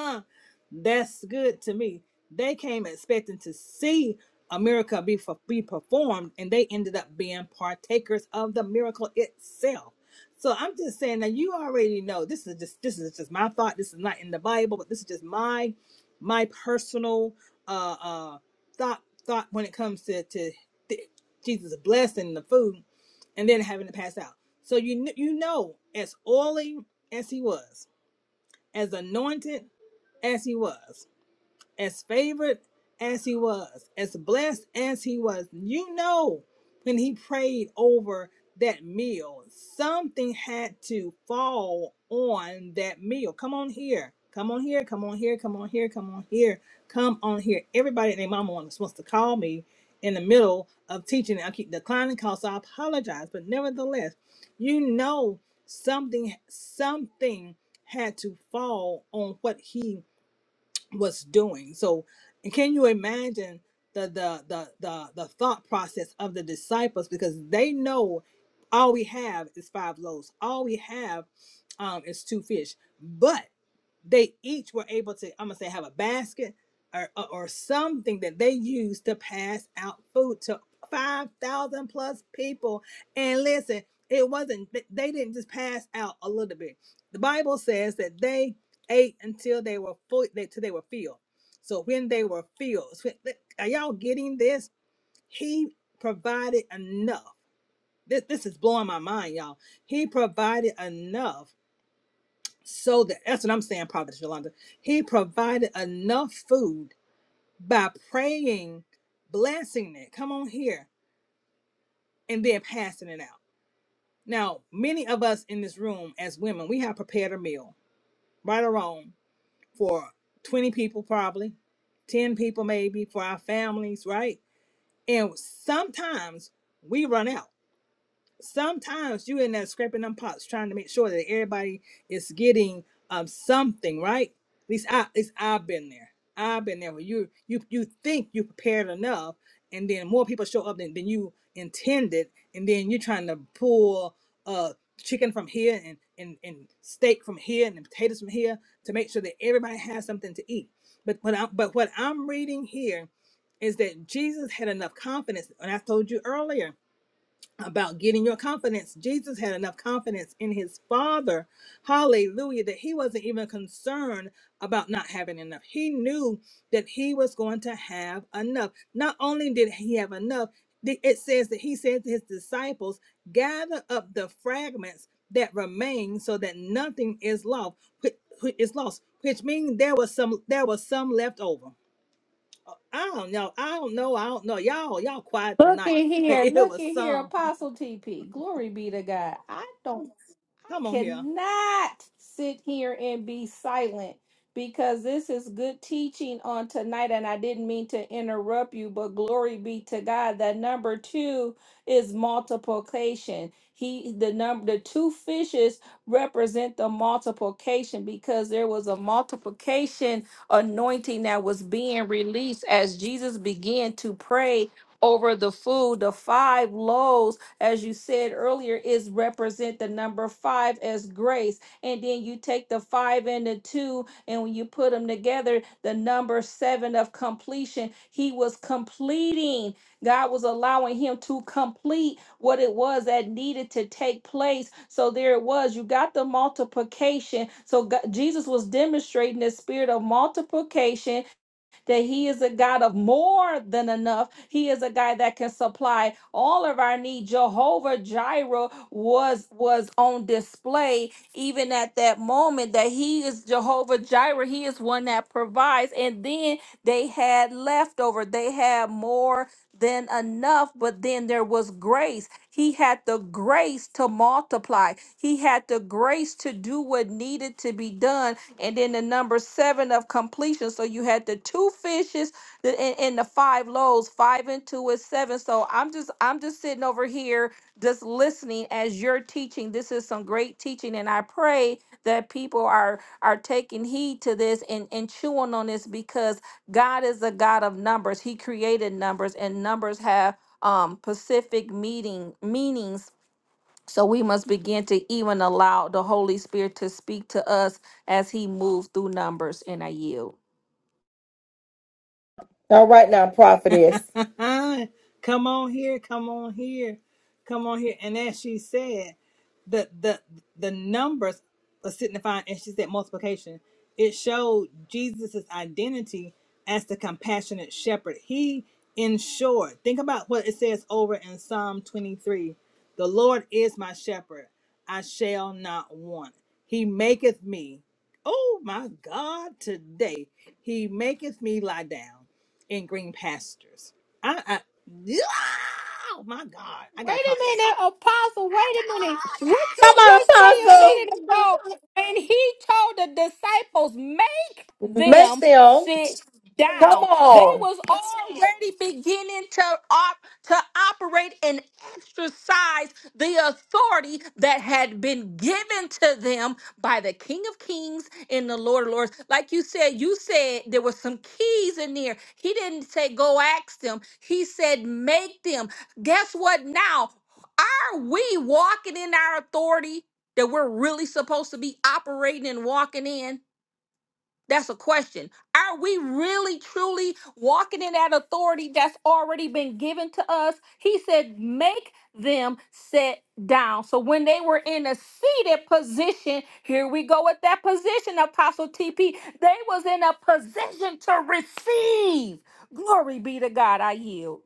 (laughs) That's good to me. They came expecting to see a miracle be, fu- be performed, and they ended up being partakers of the miracle itself. So I'm just saying that you already know this is just this is just my thought. This is not in the Bible, but this is just my my personal uh uh thought thought when it comes to to th- Jesus blessing the food and then having to pass out. So you kn- you know as oily as he was, as anointed as he was as favored as he was, as blessed as he was. You know, when he prayed over that meal, something had to fall on that meal. Come on here. Come on here. Come on here. Come on here. Come on here. Come on here. Everybody and their mama was supposed to call me in the middle of teaching. I keep declining calls, so I apologize. But nevertheless, you know something something had to fall on what he was doing. So, can you imagine the the the the, the thought process of the disciples because they know all we have is five loaves, all we have um, is two fish, but they each were able to i'm gonna say have a basket or, or or something that they used to pass out food to 5000 plus people and listen it wasn't th- they didn't just pass out a little bit the bible says that they ate until they were full they, till they were filled so when they were filled so th- are y'all getting this he provided enough this, this is blowing my mind y'all he provided enough so that that's what I'm saying, Prophet Yolanda. He provided enough food by praying, blessing it. Come on here, and then passing it out. Now, many of us in this room as women, we have prepared a meal, right or wrong, for 20 people probably, 10 people maybe, for our families, right? And sometimes we run out. sometimes you in there scraping them pots trying to make sure that everybody is getting um something right at least i at least i've been there i've been there where you you you think you prepared enough and then more people show up than, than you intended and then you're trying to pull uh chicken from here and, and and steak from here and potatoes from here to make sure that everybody has something to eat but what i but what i'm reading here is that jesus had enough confidence and i told you earlier about getting your confidence. Jesus had enough confidence in his father, hallelujah, that he wasn't even concerned about not having enough. He knew that he was going to have enough. Not only did he have enough, the- it says that he said to his disciples, gather up the fragments that remain so that nothing is lost, whi- whi- is lost, which means there was some there was some left over. I don't know. I don't know. I don't know. Y'all, y'all quiet Look at tonight. (laughs) here, It look at was here, some. Apostle TP. Glory be to God. I don't, I Come on here. cannot sit here and be silent because this is good teaching on tonight. And I didn't mean to interrupt you, but glory be to God. That number two is multiplication. He, the number, the two fishes represent the multiplication because there was a multiplication anointing that was being released as Jesus began to pray over the food. The five loaves, as you said earlier, is represent the number five as grace. And then you take the five and the two, and when you put them together, the number seven of completion. He was completing. God was allowing him to complete what it was that needed to take place. So there it was. You got the multiplication. So God, Jesus was demonstrating the spirit of multiplication that he is a God of more than enough. He is a God that can supply all of our need. Jehovah Jireh was was on display even at that moment that he is Jehovah Jireh. He is one that provides. And then they had leftover. They had more than enough, but then there was grace. He had the grace to multiply. He had the grace to do what needed to be done and then the number seven of completion. So you had the two fishes the, and, and the five loaves, five and two is seven. So I'm just I'm just sitting over here just listening as you're teaching. This is some great teaching, and I pray that people are are taking heed to this and and chewing on this because God is a God of numbers. He created numbers, and numbers have um specific meeting meanings so we must begin to even allow the Holy Spirit to speak to us as he moves through numbers and I yield. all right now, prophetess. (laughs) come on here, come on here, come on here. And as she said, the the the numbers are signifying and she said multiplication it showed jesus's identity as the compassionate shepherd he ensured think about what it says over in psalm 23 the lord is my shepherd i shall not want he maketh me oh my god today he maketh me lie down in green pastures i i yeah! oh my god i Wait gotta a minute, Apostle. Wait a minute. What Come you just say on, a apostle. minute ago? And he told the disciples, Make them them. sit Come down. They on. was already beginning to op- to operate and exercise the authority that had been given to them by the King of Kings and the Lord of Lords. Like you said, you said there were some keys in there. He didn't say go ask them. He said make them. Guess what now? Are we walking in our authority that we're really supposed to be operating and walking in? That's a question. Are we really truly walking in that authority that's already been given to us? He said, Make them sit down. So when they were in a seated position, here we go with that position, Apostle TP. They was in a position to receive. Glory be to God. I yield.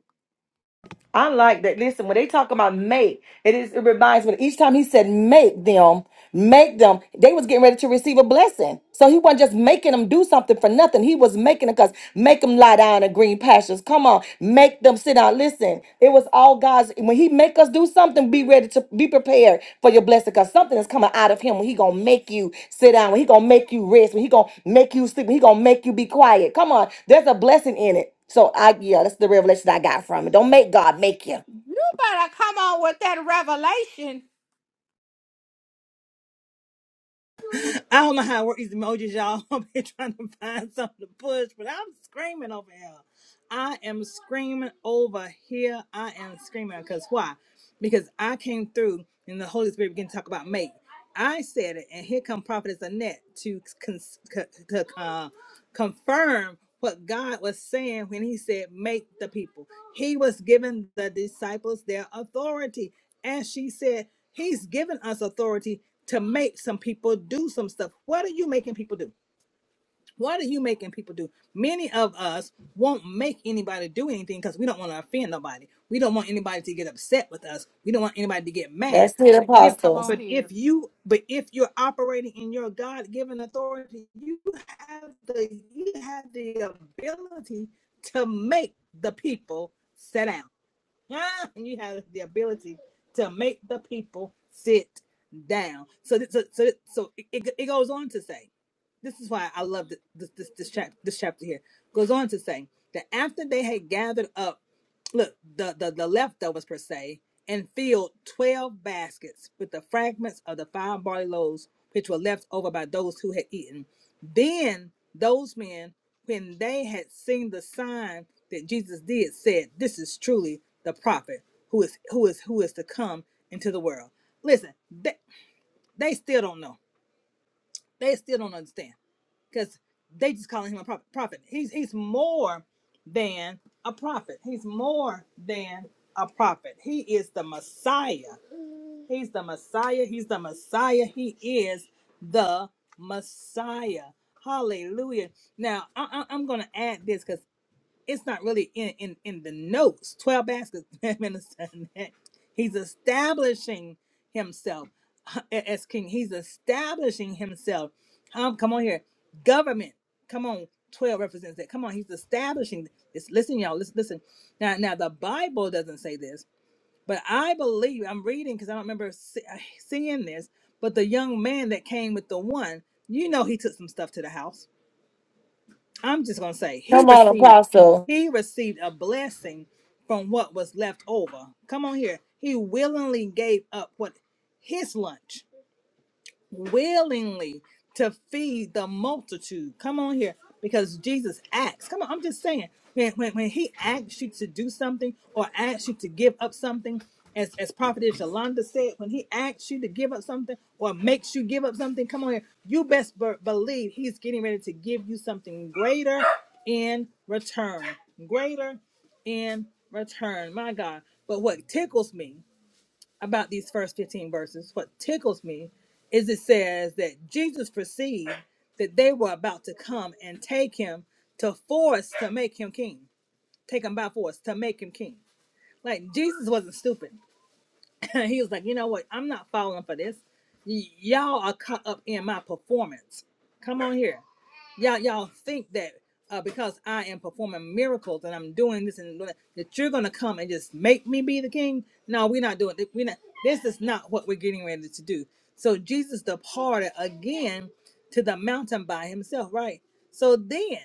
I like that. Listen, when they talk about make, it is it reminds me each time he said make them, make them, they was getting ready to receive a blessing. So he wasn't just making them do something for nothing. He was making it because make them lie down in green pastures. Come on, make them sit down. Listen, it was all God's when he make us do something, be ready to be prepared for your blessing because something is coming out of him when he gonna make you sit down, when he gonna make you rest, when he gonna make you sleep, when he gonna make you be quiet. Come on, there's a blessing in it. So I yeah, that's the revelation I got from it. Don't make God make you. You better come on with that revelation. I don't know how to work these emojis, y'all. (laughs) I'm here trying to find something to push, but I'm screaming over here. I am screaming over here. I am screaming because why? Because I came through and the Holy Spirit began to talk about mate. I said it, and here come Prophetess Annette to, cons- co- to uh, confirm what God was saying when He said, Make the people. He was giving the disciples their authority. And she said, He's given us authority to make some people do some stuff. What are you making people do? What are you making people do? Many of us won't make anybody do anything because we don't want to offend nobody. We don't want anybody to get upset with us. We don't want anybody to get mad. That's it, But You better if come apostle. on but if here. you but if you're operating in your God given authority, you have the you have the ability to make the people sit down. (laughs) Huh? And you have the ability to make the people sit down. So, th- so, so, so it, it it goes on to say, this is why I love th- this this this, chap- this chapter here. Goes on to say that after they had gathered up, look the the, the leftovers per se, and filled twelve baskets with the fragments of the five barley loaves which were left over by those who had eaten. Then those men, when they had seen the sign that Jesus did, said, "This is truly the prophet who is who is who is to come into the world." Listen, they, they still don't know. They still don't understand because they just calling him a prophet. Prophet. He's he's more than a prophet. He's more than a prophet. He is the Messiah. He's the Messiah. He's the Messiah. He is the Messiah. Hallelujah. Now, I, I, am going to add this because it's not really in, in, in the notes. 12 baskets, (laughs) Minister. Annette. He's establishing himself (laughs) as king. He's establishing himself. Um, come on here. Government. Come on. 12 represents that. Come on. He's establishing this. Listen, y'all. Listen. listen. Now, now, the Bible doesn't say this but I believe I'm reading because I don't remember see, seeing this. But the young man that came with the one, you know, he took some stuff to the house. I'm just gonna say he Come on, received apostle. he received a blessing from what was left over. Come on here, he willingly gave up what his lunch willingly to feed the multitude. Come on here, because Jesus acts. Come on, I'm just saying, when, when, when he asks you to do something or asks you to give up something, as, as Prophetess Yolanda said, when he asks you to give up something or makes you give up something, come on here, you best be- believe he's getting ready to give you something greater in return. Greater in return. My God. But what tickles me about these first 15 verses, what tickles me is it says that Jesus perceived that they were about to come and take him to force to make him king, take him by force to make him king. Like Jesus wasn't stupid. (laughs) he was like, you know what? I'm not falling for this. Y- y'all are caught up in my performance. Come on here. Y'all, y'all think that uh, because I am performing miracles and I'm doing this and doing that, that you're gonna come and just make me be the king? No, we're not doing. We not. This is not what we're getting ready to do. So Jesus departed again to the mountain by himself. Right. So then,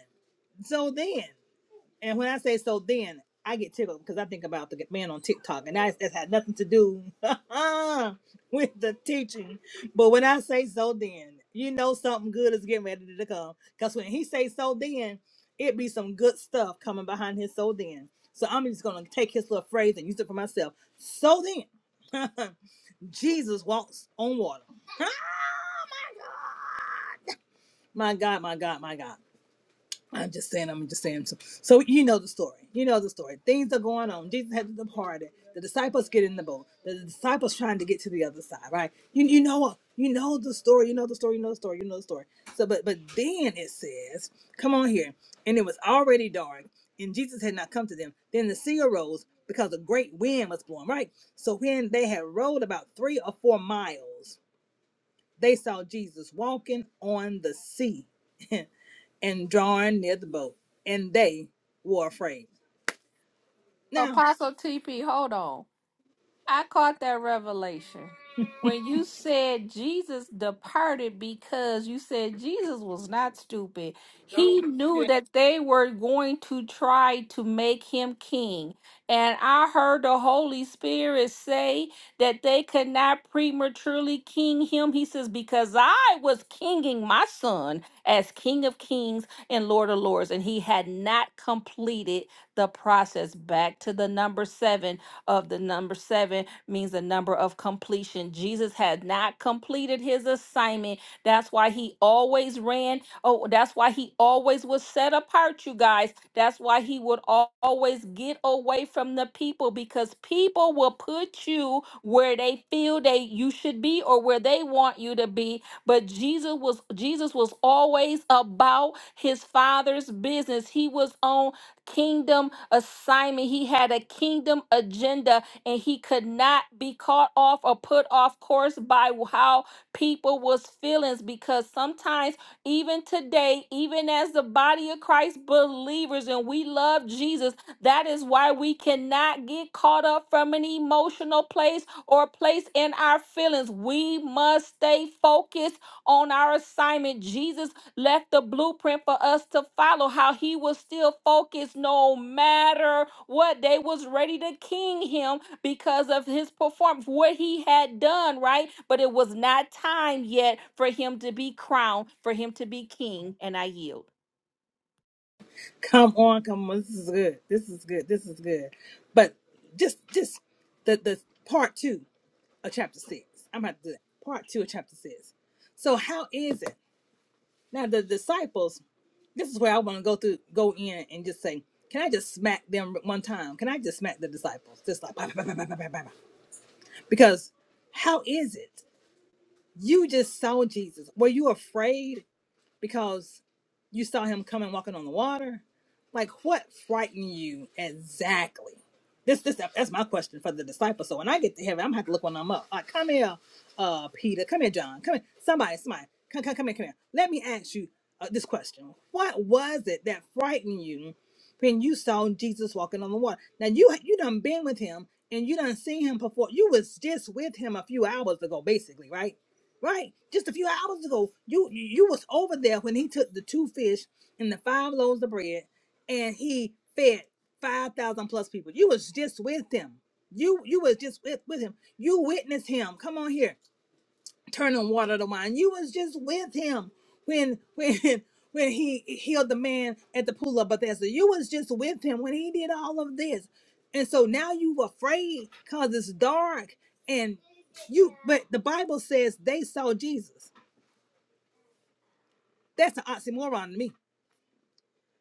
so then. And when I say so, then I get tickled because I think about the man on TikTok, and that's, that's had nothing to do (laughs) with the teaching. But when I say so, then you know something good is getting ready to come. Because when he say so, then it be some good stuff coming behind his so then. So I'm just gonna take his little phrase and use it for myself. So then, (laughs) Jesus walks on water. (laughs) My God, my God, my God. I'm just saying, I'm just saying. So, so you know the story. You know the story. Things are going on. Jesus had to depart. The disciples get in the boat. The disciples trying to get to the other side, right? You you know you know the story. You know the story. You know the story. You know the story. So, but but then it says, "Come on here." And it was already dark, and Jesus had not come to them. Then the sea arose because a great wind was blowing, right? So when they had rowed about three or four miles, they saw Jesus walking on the sea. (laughs) and drawing near the boat, and they were afraid. Now, Apostle TP, hold on. I caught that revelation. When you said Jesus departed because you said Jesus was not stupid. He knew that they were going to try to make him king. And I heard the Holy Spirit say that they could not prematurely king him. He says, Because I was kinging my son as King of Kings and Lord of Lords, and he had not completed the process. Back to the number seven of the number seven means the number of completion. Jesus had not completed his assignment. That's why he always ran. Oh, that's why he always was set apart, you guys. That's why he would al- always get away from the people because people will put you where they feel they you should be or where they want you to be but Jesus was Jesus was always about his father's business. He was on kingdom assignment. He had a kingdom agenda and he could not be caught off or put off course by how people was feelings because sometimes even today, even as the body of Christ believers and we love Jesus, that is why we cannot get caught up from an emotional place or place in our feelings. We must stay focused on our assignment. Jesus left the blueprint for us to follow how he was still focused no matter what they was ready to king him because of his performance what he had done right but it was not time yet for him to be crowned for him to be king and i yield come on, come on, this is good. This is good. This is good. But just just the the part two of chapter six. I'm about to do that. Part two of chapter six. So how is it? Now the disciples, this is where I want to go through, go in and just say, can I just smack them one time? Can I just smack the disciples? Just like bah, bah, bah, bah, bah, bah, bah, bah. because how is it? You just saw Jesus. Were you afraid because you saw him coming walking on the water? Like what frightened you exactly? This this that's my question for the disciples. So when I get to heaven, I'm gonna have to look one of them up. Like, come here, uh, Peter. Come here, John. Come here, somebody, somebody. Come, come, come here, come here. Let me ask you uh, this question: What was it that frightened you when you saw Jesus walking on the water? Now you you done been with him and you done seen him before. You was just with him a few hours ago, basically, right? Right. Just a few hours ago, you you was over there when he took the two fish and the five loaves of bread and he fed 5,000 plus people. You was just with him. You you was just with, with him. You witnessed him. Come on here turning water to wine. You was just with him when when (laughs) when he healed the man at the pool of Bethesda. You was just with him when he did all of this. And so now you afraid because it's dark and you but the Bible says they saw Jesus. That's an oxymoron to me.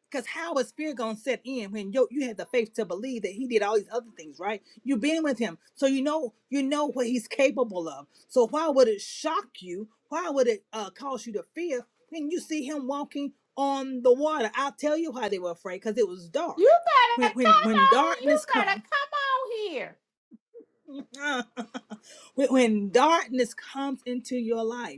Because how is fear gonna set in when you you had the faith to believe that he did all these other things, right? You've been with him, so you know you know what he's capable of. So why would it shock you? Why would it uh, cause you to fear when you see him walking on the water? I'll tell you why they were afraid, because it was dark. You When better when come when on. You darkness better comes, come on here. (laughs) when, when darkness comes into your life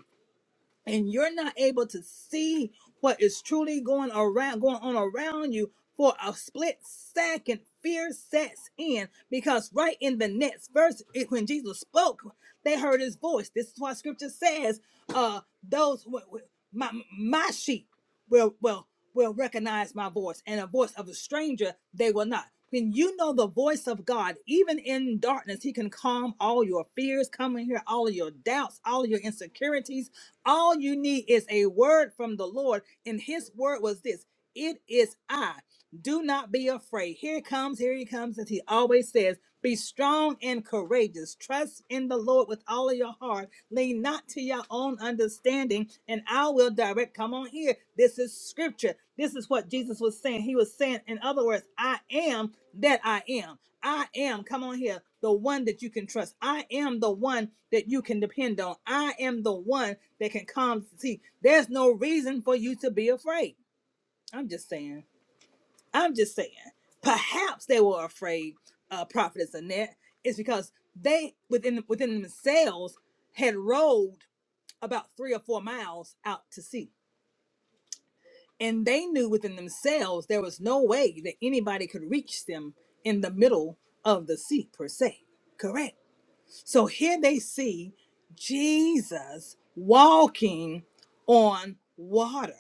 and you're not able to see what is truly going around going on around you for a split second fear sets in because right in the next verse it- when jesus spoke they heard his voice this is why scripture says uh those w- w- my my sheep will will will recognize my voice and a voice of a stranger they will not when you know the voice of God, even in darkness, He can calm all your fears, come in here, all of your doubts, all of your insecurities, all you need is a word from the Lord, and his word was this It is I. Do not be afraid. Here it comes, here he comes, as he always says. Be strong and courageous. Trust in the Lord with all of your heart. Lean not to your own understanding, and I will direct. Come on here. This is scripture. This is what Jesus was saying. He was saying, in other words, I am that I am. I am, come on here, the one that you can trust. I am the one that you can depend on. I am the one that can come to see. There's no reason for you to be afraid. I'm just saying. I'm just saying. Perhaps they were afraid, uh, Prophetess Annette, is because they within within themselves had rowed about three or four miles out to sea. And they knew within themselves there was no way that anybody could reach them in the middle of the sea per se. Correct. So here they see Jesus walking on water.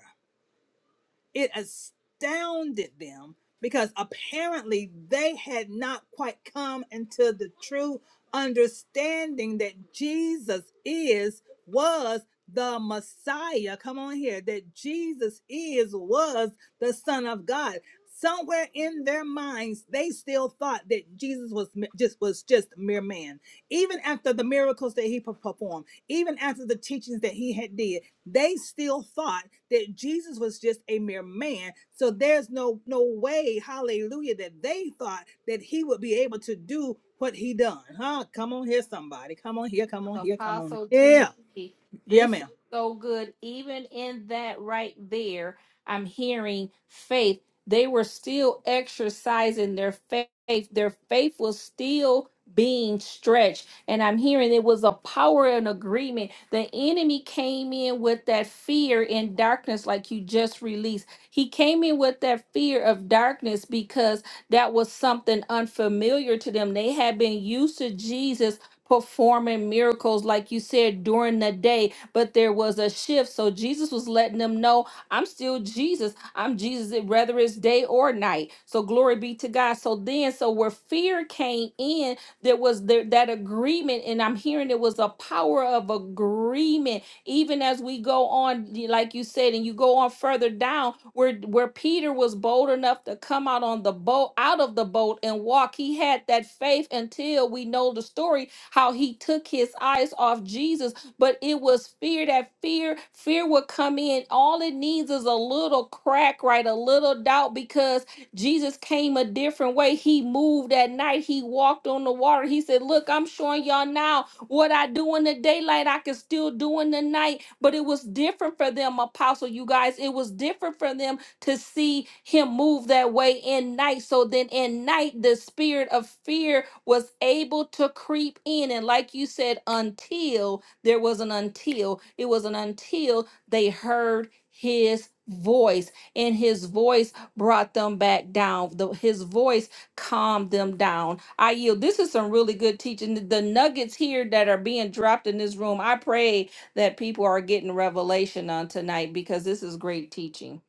It astounded them because apparently they had not quite come into the true understanding that Jesus is, was the Messiah. Come on here, that Jesus is, was the Son of God. Somewhere in their minds, they still thought that Jesus was m- just was just mere man. Even after the miracles that he per- performed, even after the teachings that he had did, they still thought that Jesus was just a mere man. So there's no no way, hallelujah, that they thought that he would be able to do what he done. Huh? Come on here, somebody. Come on here, come on here, come on. Apostle Yeah. TP, Yeah, this is ma'am. so good. Even in that right there, I'm hearing faith. They were still exercising their faith. Their faith was still being stretched. And I'm hearing it was a power and agreement. The enemy came in with that fear and darkness, like you just released. He came in with that fear of darkness because that was something unfamiliar to them. They had been used to Jesus performing miracles, like you said, during the day, but there was a shift. So Jesus was letting them know, I'm still Jesus. I'm Jesus, it- whether it's day or night. So glory be to God. So then, so where fear came in, there was there, that agreement, and I'm hearing it was a power of agreement even as we go on y- like you said and you go on further down where where peter was bold enough to come out on the boat out of the boat and walk he had that faith until we know the story how he took his eyes off Jesus, but it was fear that fear, fear would come in. All it needs is a little crack, right? A little doubt because Jesus came a different way. He moved at night, he walked on the water. He said, Look, I'm showing y'all now what I do in the daylight, I can still do in the night. But it was different for them, apostle, you guys. It was different for them to see him move that way in night. So then in night, the spirit of fear was able to creep in. And like you said, until there was an until, it was an until they heard his voice and his voice brought them back down the, his voice calmed them down i yield this is some really good teaching the the nuggets here that are being dropped in this room i pray that people are getting revelation on tonight because this is great teaching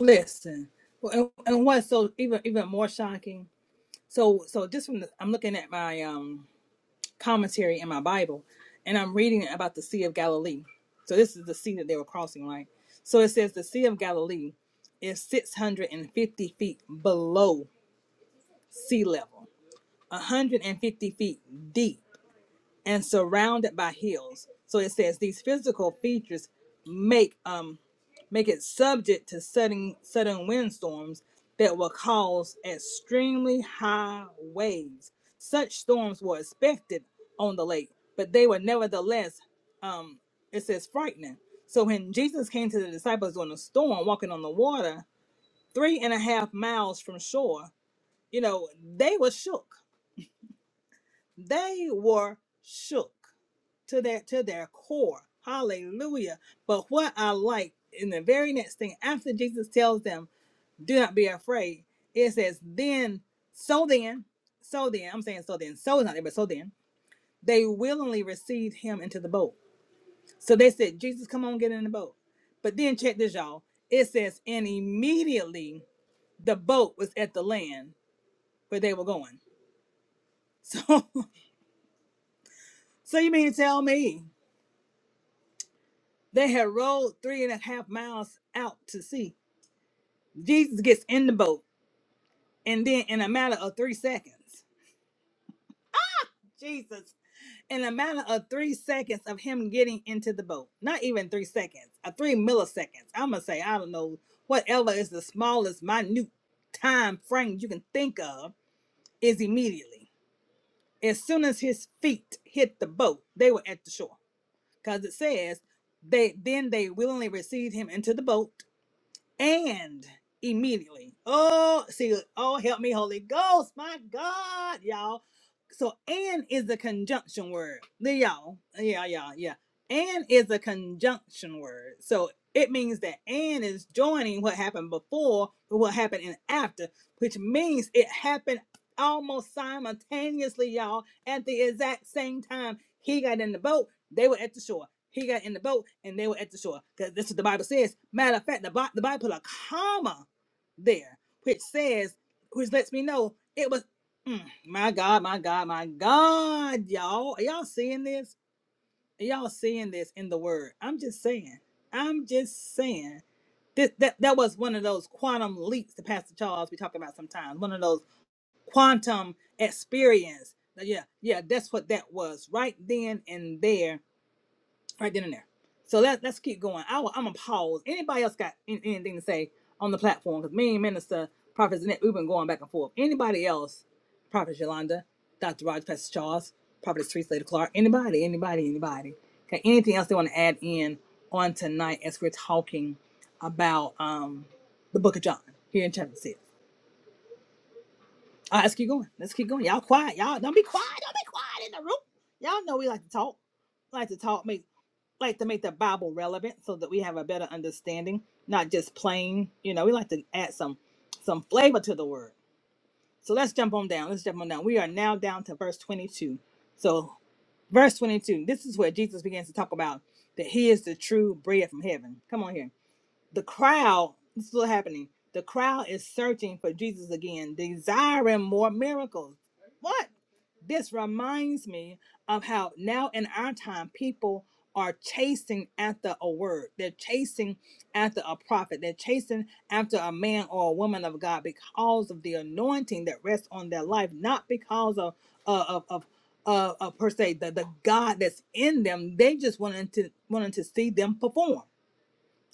Listen. Well, And, and what's so even even more shocking? So so just from the, I'm looking at my um commentary in my Bible, and I'm reading about the Sea of Galilee. So this is the sea that they were crossing, right? So it says the Sea of Galilee is 650 feet below sea level, 150 feet deep and surrounded by hills. So it says these physical features make um make it subject to sudden sudden windstorms that will cause extremely high waves. Such storms were expected on the lake, but they were nevertheless um it says frightening. So when Jesus came to the disciples on a storm walking on the water, three and a half miles from shore, you know, they were shook. They were shook to their to their core. Hallelujah. But what I like in the very next thing after Jesus tells them, do not be afraid, it says, then, so then, so then, I'm saying so then, so is not there, but so then, they willingly received him into the boat. So they said, Jesus, come on, get in the boat. But then check this, y'all. It says, and immediately the boat was at the land where they were going. So (laughs) so you mean to tell me they had rowed three and a half miles out to sea Jesus gets in the boat, and then in a matter of three seconds, Jesus, in a matter of three seconds of him getting into the boat, not even three seconds, uh, three milliseconds. I'm gonna say, I don't know, whatever is the smallest, minute time frame you can think of is immediately. As soon as his feet hit the boat, they were at the shore, because it says they then they willingly received him into the boat and immediately. Oh, see, oh, help me, Holy Ghost, my God, y'all. So, and is the conjunction word. The y'all, yeah, yeah, yeah. And is a conjunction word. So it means that and is joining what happened before with what happened in after, which means it happened almost simultaneously, y'all, at the exact same time he got in the boat, they were at the shore. He got in the boat and they were at the shore. Because this is what the Bible says. Matter of fact, the, the Bible put a comma there, which says, which lets me know it was, mm, my God, my God, my God, y'all. Are y'all seeing this? Are y'all seeing this in the word? I'm just saying. I'm just saying. This, that, that was one of those quantum leaps that Pastor Charles be talking about sometimes. One of those quantum experience. Yeah, yeah, that's what that was right then and there right then and there. So let, let's keep going. I, am gonna pause. Anybody else got an- anything to say on the platform? Because me and Minister Prophet Zanette, we've been going back and forth. Anybody else? Prophet Yolanda, Dr. Roger, Pastor Charles, Prophet Teresa Lady Clark. Anybody? Anybody? Anybody? Okay. Anything else they want to add in on tonight as we're talking about um the Book of John here in chapter six? All right, let's keep going. Let's keep going. Y'all quiet. Y'all don't be quiet. Don't be quiet in the room. Y'all know we like to talk. Like to talk. Make like to make the Bible relevant so that we have a better understanding, not just plain. You know, we like to add some some flavor to the word. So let's jump on down. Let's jump on down. We are now down to verse 22. So, verse 22. This is where Jesus begins to talk about that He is the true bread from heaven. Come on here the crowd it's still happening the crowd is searching for jesus again desiring more miracles what this reminds me of how now in our time people are chasing after a word they're chasing after a prophet they're chasing after a man or a woman of god because of the anointing that rests on their life not because of uh, of of uh, uh, per se the, the god that's in them they just wanted to wanted to see them perform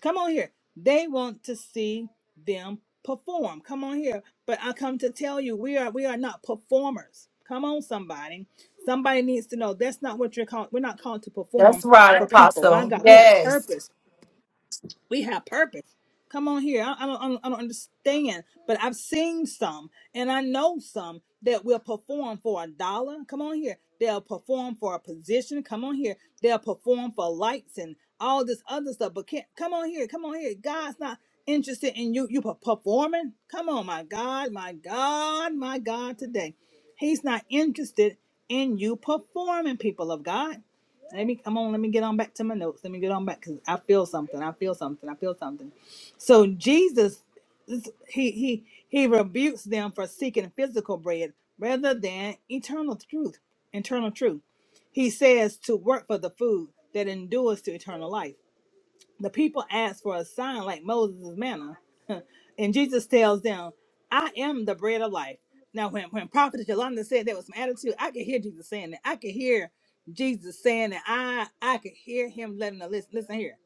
Come on here. They want to see them perform. Come on here. But I come to tell you, we are we are not performers. Come on, somebody. Somebody needs to know that's not what you're called. We're not called to perform That's right, for people. My Apostle. God, we have Yes. purpose we have purpose. Come on here. I, I, don't, I don't I don't understand, but I've seen some and I know some that will perform for a dollar. Come on here. They'll perform for a position. Come on here. They'll perform for lights and all this other stuff. But can't, come on here. Come on here. God's not interested in you you per- performing. Come on, my God, my God, my God today. He's not interested in you performing, people of God. Let me come on. Let me get on back to my notes. Let me get on back because I feel something. I feel something. I feel something. So Jesus, this- he he he rebukes them for seeking physical bread rather than eternal truth. Eternal truth. He says to work for the food that endures to eternal life. The people ask for a sign like Moses' manna. (laughs) and Jesus tells them, I am the bread of life. Now, when, when Prophet Yolanda said that was some attitude, I could hear Jesus saying that. I could hear Jesus saying that. I I could hear him letting the listen. Listen here.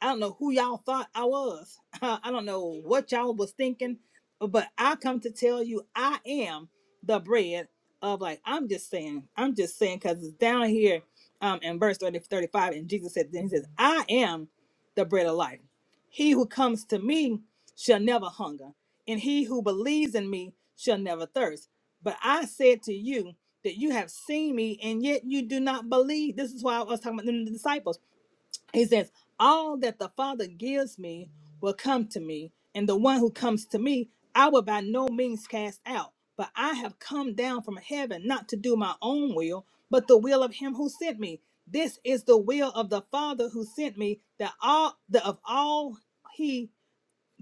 I don't know who y'all thought I was. (laughs) I don't know what y'all was thinking, but I come to tell you I am the bread of life. I'm just saying, I'm just saying because it's down here um in verse 30, 35, and Jesus said, then he says, I am the bread of life. He who comes to me shall never hunger, and he who believes in me shall never thirst. But I said to you that you have seen me, and yet you do not believe. This is why I was talking about the disciples he says, All that the Father gives me will come to me, and the one who comes to me, I will by no means cast out. But I have come down from heaven not to do my own will, but the will of him who sent me. This is the will of the Father who sent me, that all that of all he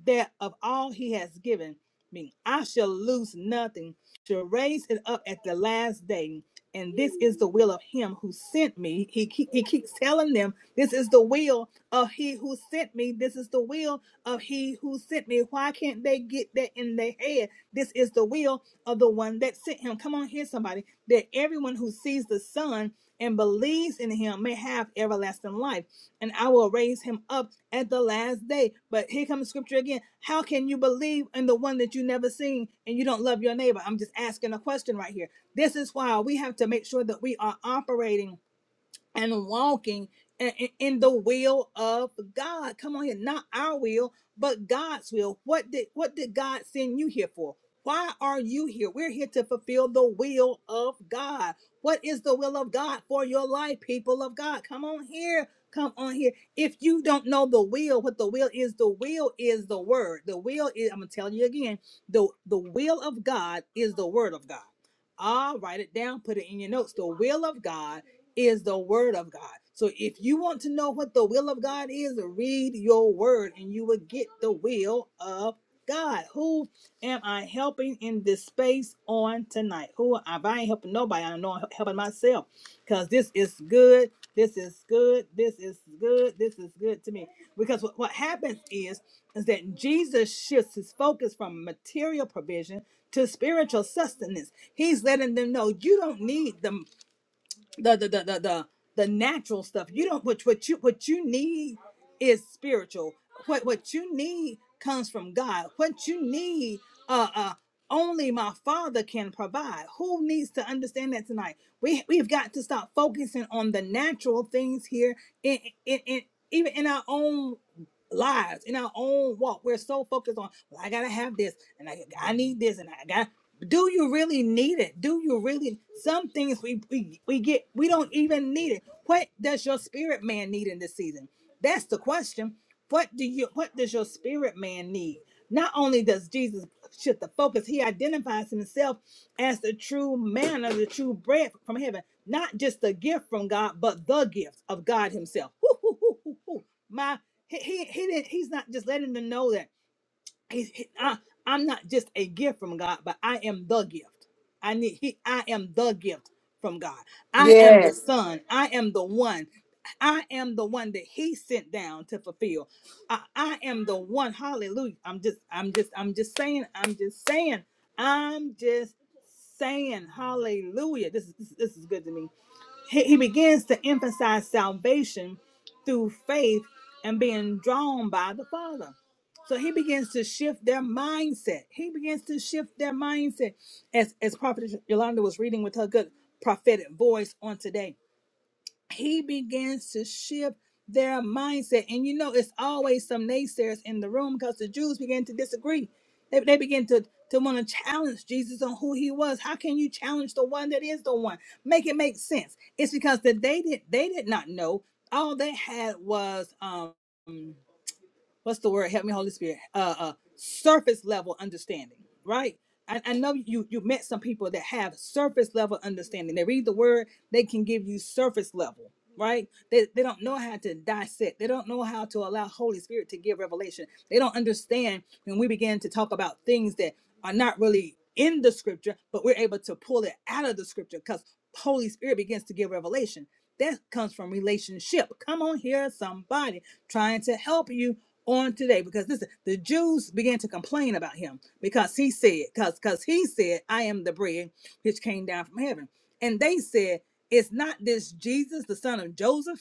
that of all he has given me, I shall lose nothing, shall raise it up at the last day. And this is the will of him who sent me. He, keep, he keeps telling them, This is the will of he who sent me. This is the will of he who sent me. Why can't they get that in their head? This is the will of the one that sent him. Come on here, somebody. That everyone who sees the Son and believes in him may have everlasting life and I will raise him up at the last day. But here comes scripture again. How can you believe in the one that you never seen and you don't love your neighbor? I'm just asking a question right here. This is why we have to make sure that we are operating and walking i- in the will of God. Come on here, not our will, but God's will. What did what did God send you here for? Why are you here? We're here to fulfill the will of God. What is the will of God for your life, people of God? Come on here. Come on here. If you don't know the will, what the will is, the will is the word. The will is, I'm gonna tell you again, the, the will of God is the word of God. Ah, write it down, put it in your notes. The will of God is the word of God. So if you want to know what the will of God is, read your word and you will get the will of God. Who am I helping in this space on tonight? Who if I ain't helping nobody, I know I'm helping myself. Because this is good. This is good. This is good. This is good to me. Because what, what happens is, is that Jesus shifts his focus from material provision to spiritual sustenance. He's letting them know you don't need the the the the the the, the natural stuff. You don't what what you what you need is spiritual. What what you need comes from God. What you need uh uh only my father can provide. Who needs to understand that tonight? We we've got to stop focusing on the natural things here in in, in even in our own lives in our own walk we're so focused on well i gotta have this and i, I need this and i gotta do you really need it? Do you really? Some things we, we we get we don't even need it. What does your spirit man need in this season? That's the question. What do you? What does your spirit man need? Not only does Jesus shift the focus, he identifies himself as the true manna, the true bread from heaven, not just the gift from God, but the gift of God Himself. Woo, woo, woo, woo, woo. My he, he he didn't he's not just letting them know that. He- I, am not just a gift from God, but I am the gift. I need he I am the gift from God. I am the Yes. son. I am the one. I am the one that he sent down to fulfill. I, I am the one. Hallelujah. I'm just I'm just I'm just saying, I'm just saying, I'm just saying, hallelujah. This is this, this is good to me he, he begins to emphasize salvation through faith and being drawn by the Father. So he begins to shift their mindset. He begins to shift their mindset as, as Prophet Yolanda was reading with her good prophetic voice on today he begins to shift their mindset. And you know, it's always some naysayers in the room because the Jews begin to disagree. They, they begin to, to want to challenge Jesus on who he was. How can you challenge the one that is the one? Make it make sense. It's because that they did they did not know. All they had was um what's the word? Help me, Holy Spirit. Uh, uh surface level understanding, right? I, I know you you met some people that have surface level understanding. They read the word, they can give you surface level, right? They they don't know how to dissect. They don't know how to allow Holy Spirit to give revelation. They don't understand when we begin to talk about things that are not really in the scripture, but we're able to pull it out of the scripture because Holy Spirit begins to give revelation. That comes from relationship. Come on here, somebody trying to help you on today because this the Jews began to complain about him because he said because because he said I am the bread which came down from heaven and they said is not this Jesus the son of Joseph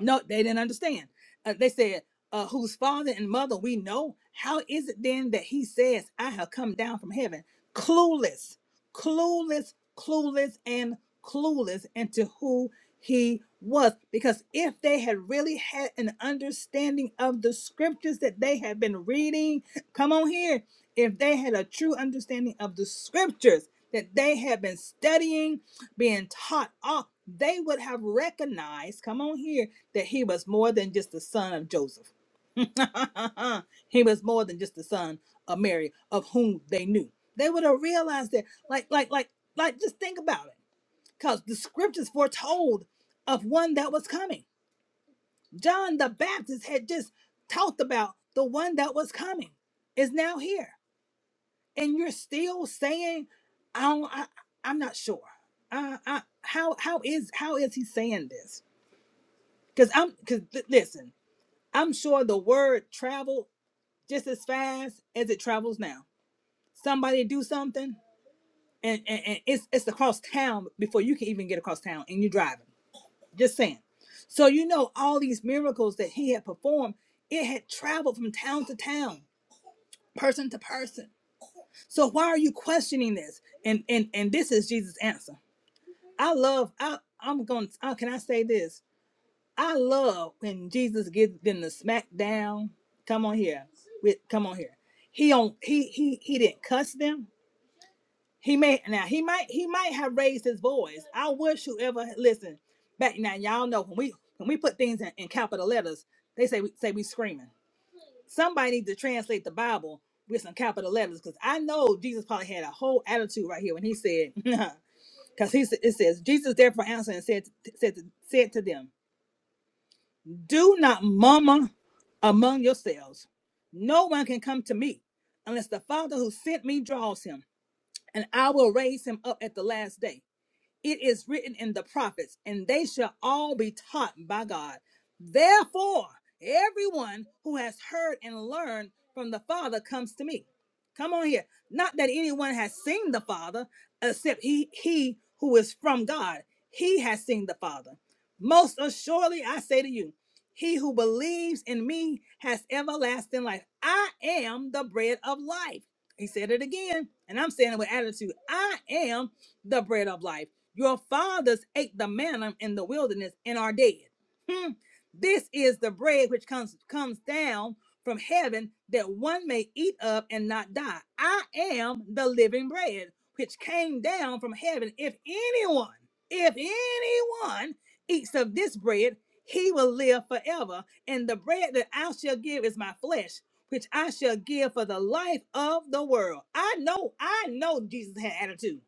no, they didn't understand. Uh, they said, uh, whose father and mother we know, how is it then that he says, I have come down from heaven? Clueless, clueless, clueless, and clueless into who he was. Because if they had really had an understanding of the scriptures that they had been reading, come on here, if they had a true understanding of the scriptures that they had been studying, being taught off, they would have recognized, come on here that he was more than just the son of Joseph. (laughs) he was more than just the son of Mary, of whom they knew. They would have realized that, like, like, like, like, just think about it. Because the scriptures foretold of one that was coming. John the Baptist had just talked about the one that was coming is now here. And you're still saying, I don't, I, I'm not sure. I, I, how, how is, how is he saying this? Because I'm, because listen, I'm sure the word traveled just as fast as it travels now. Somebody do something, and, and, and it's it's across town before you can even get across town, and you're driving. Just saying. So you know all these miracles that he had performed, it had traveled from town to town, person to person. So why are you questioning this? And and and this is Jesus' answer. I love. I I'm going. to Can I say this? I love when Jesus gives them the smack down. Come on here. With come on here. He on he he he didn't cuss them. He may now he might he might have raised his voice. I wish whoever listen back now y'all know when we when we put things in, in capital letters, they say we say we screaming. Somebody needs to translate the Bible with some capital letters because I know Jesus probably had a whole attitude right here when he said (laughs) because he sa- it says Jesus therefore answered and said said said to them Do not murmur among yourselves. No one can come to me unless the Father who sent me draws him, and I will raise him up at the last day it is written in the prophets, and they shall all be taught by God. Therefore, everyone who has heard and learned from the Father comes to me. Come on here. Not that anyone has seen the Father, except he, he who is from God. He has seen the Father. Most assuredly, I say to you, he who believes in me has everlasting life. I am the bread of life. He said it again, and I'm saying it with attitude. I am the bread of life. Your fathers ate the manna in the wilderness and are dead. Hmm. This is the bread which comes comes down from heaven that one may eat up and not die. I am the living bread which came down from heaven. If anyone, if anyone eats of this bread, he will live forever. And the bread that I shall give is my flesh, which I shall give for the life of the world. I know, I know Jesus had attitude.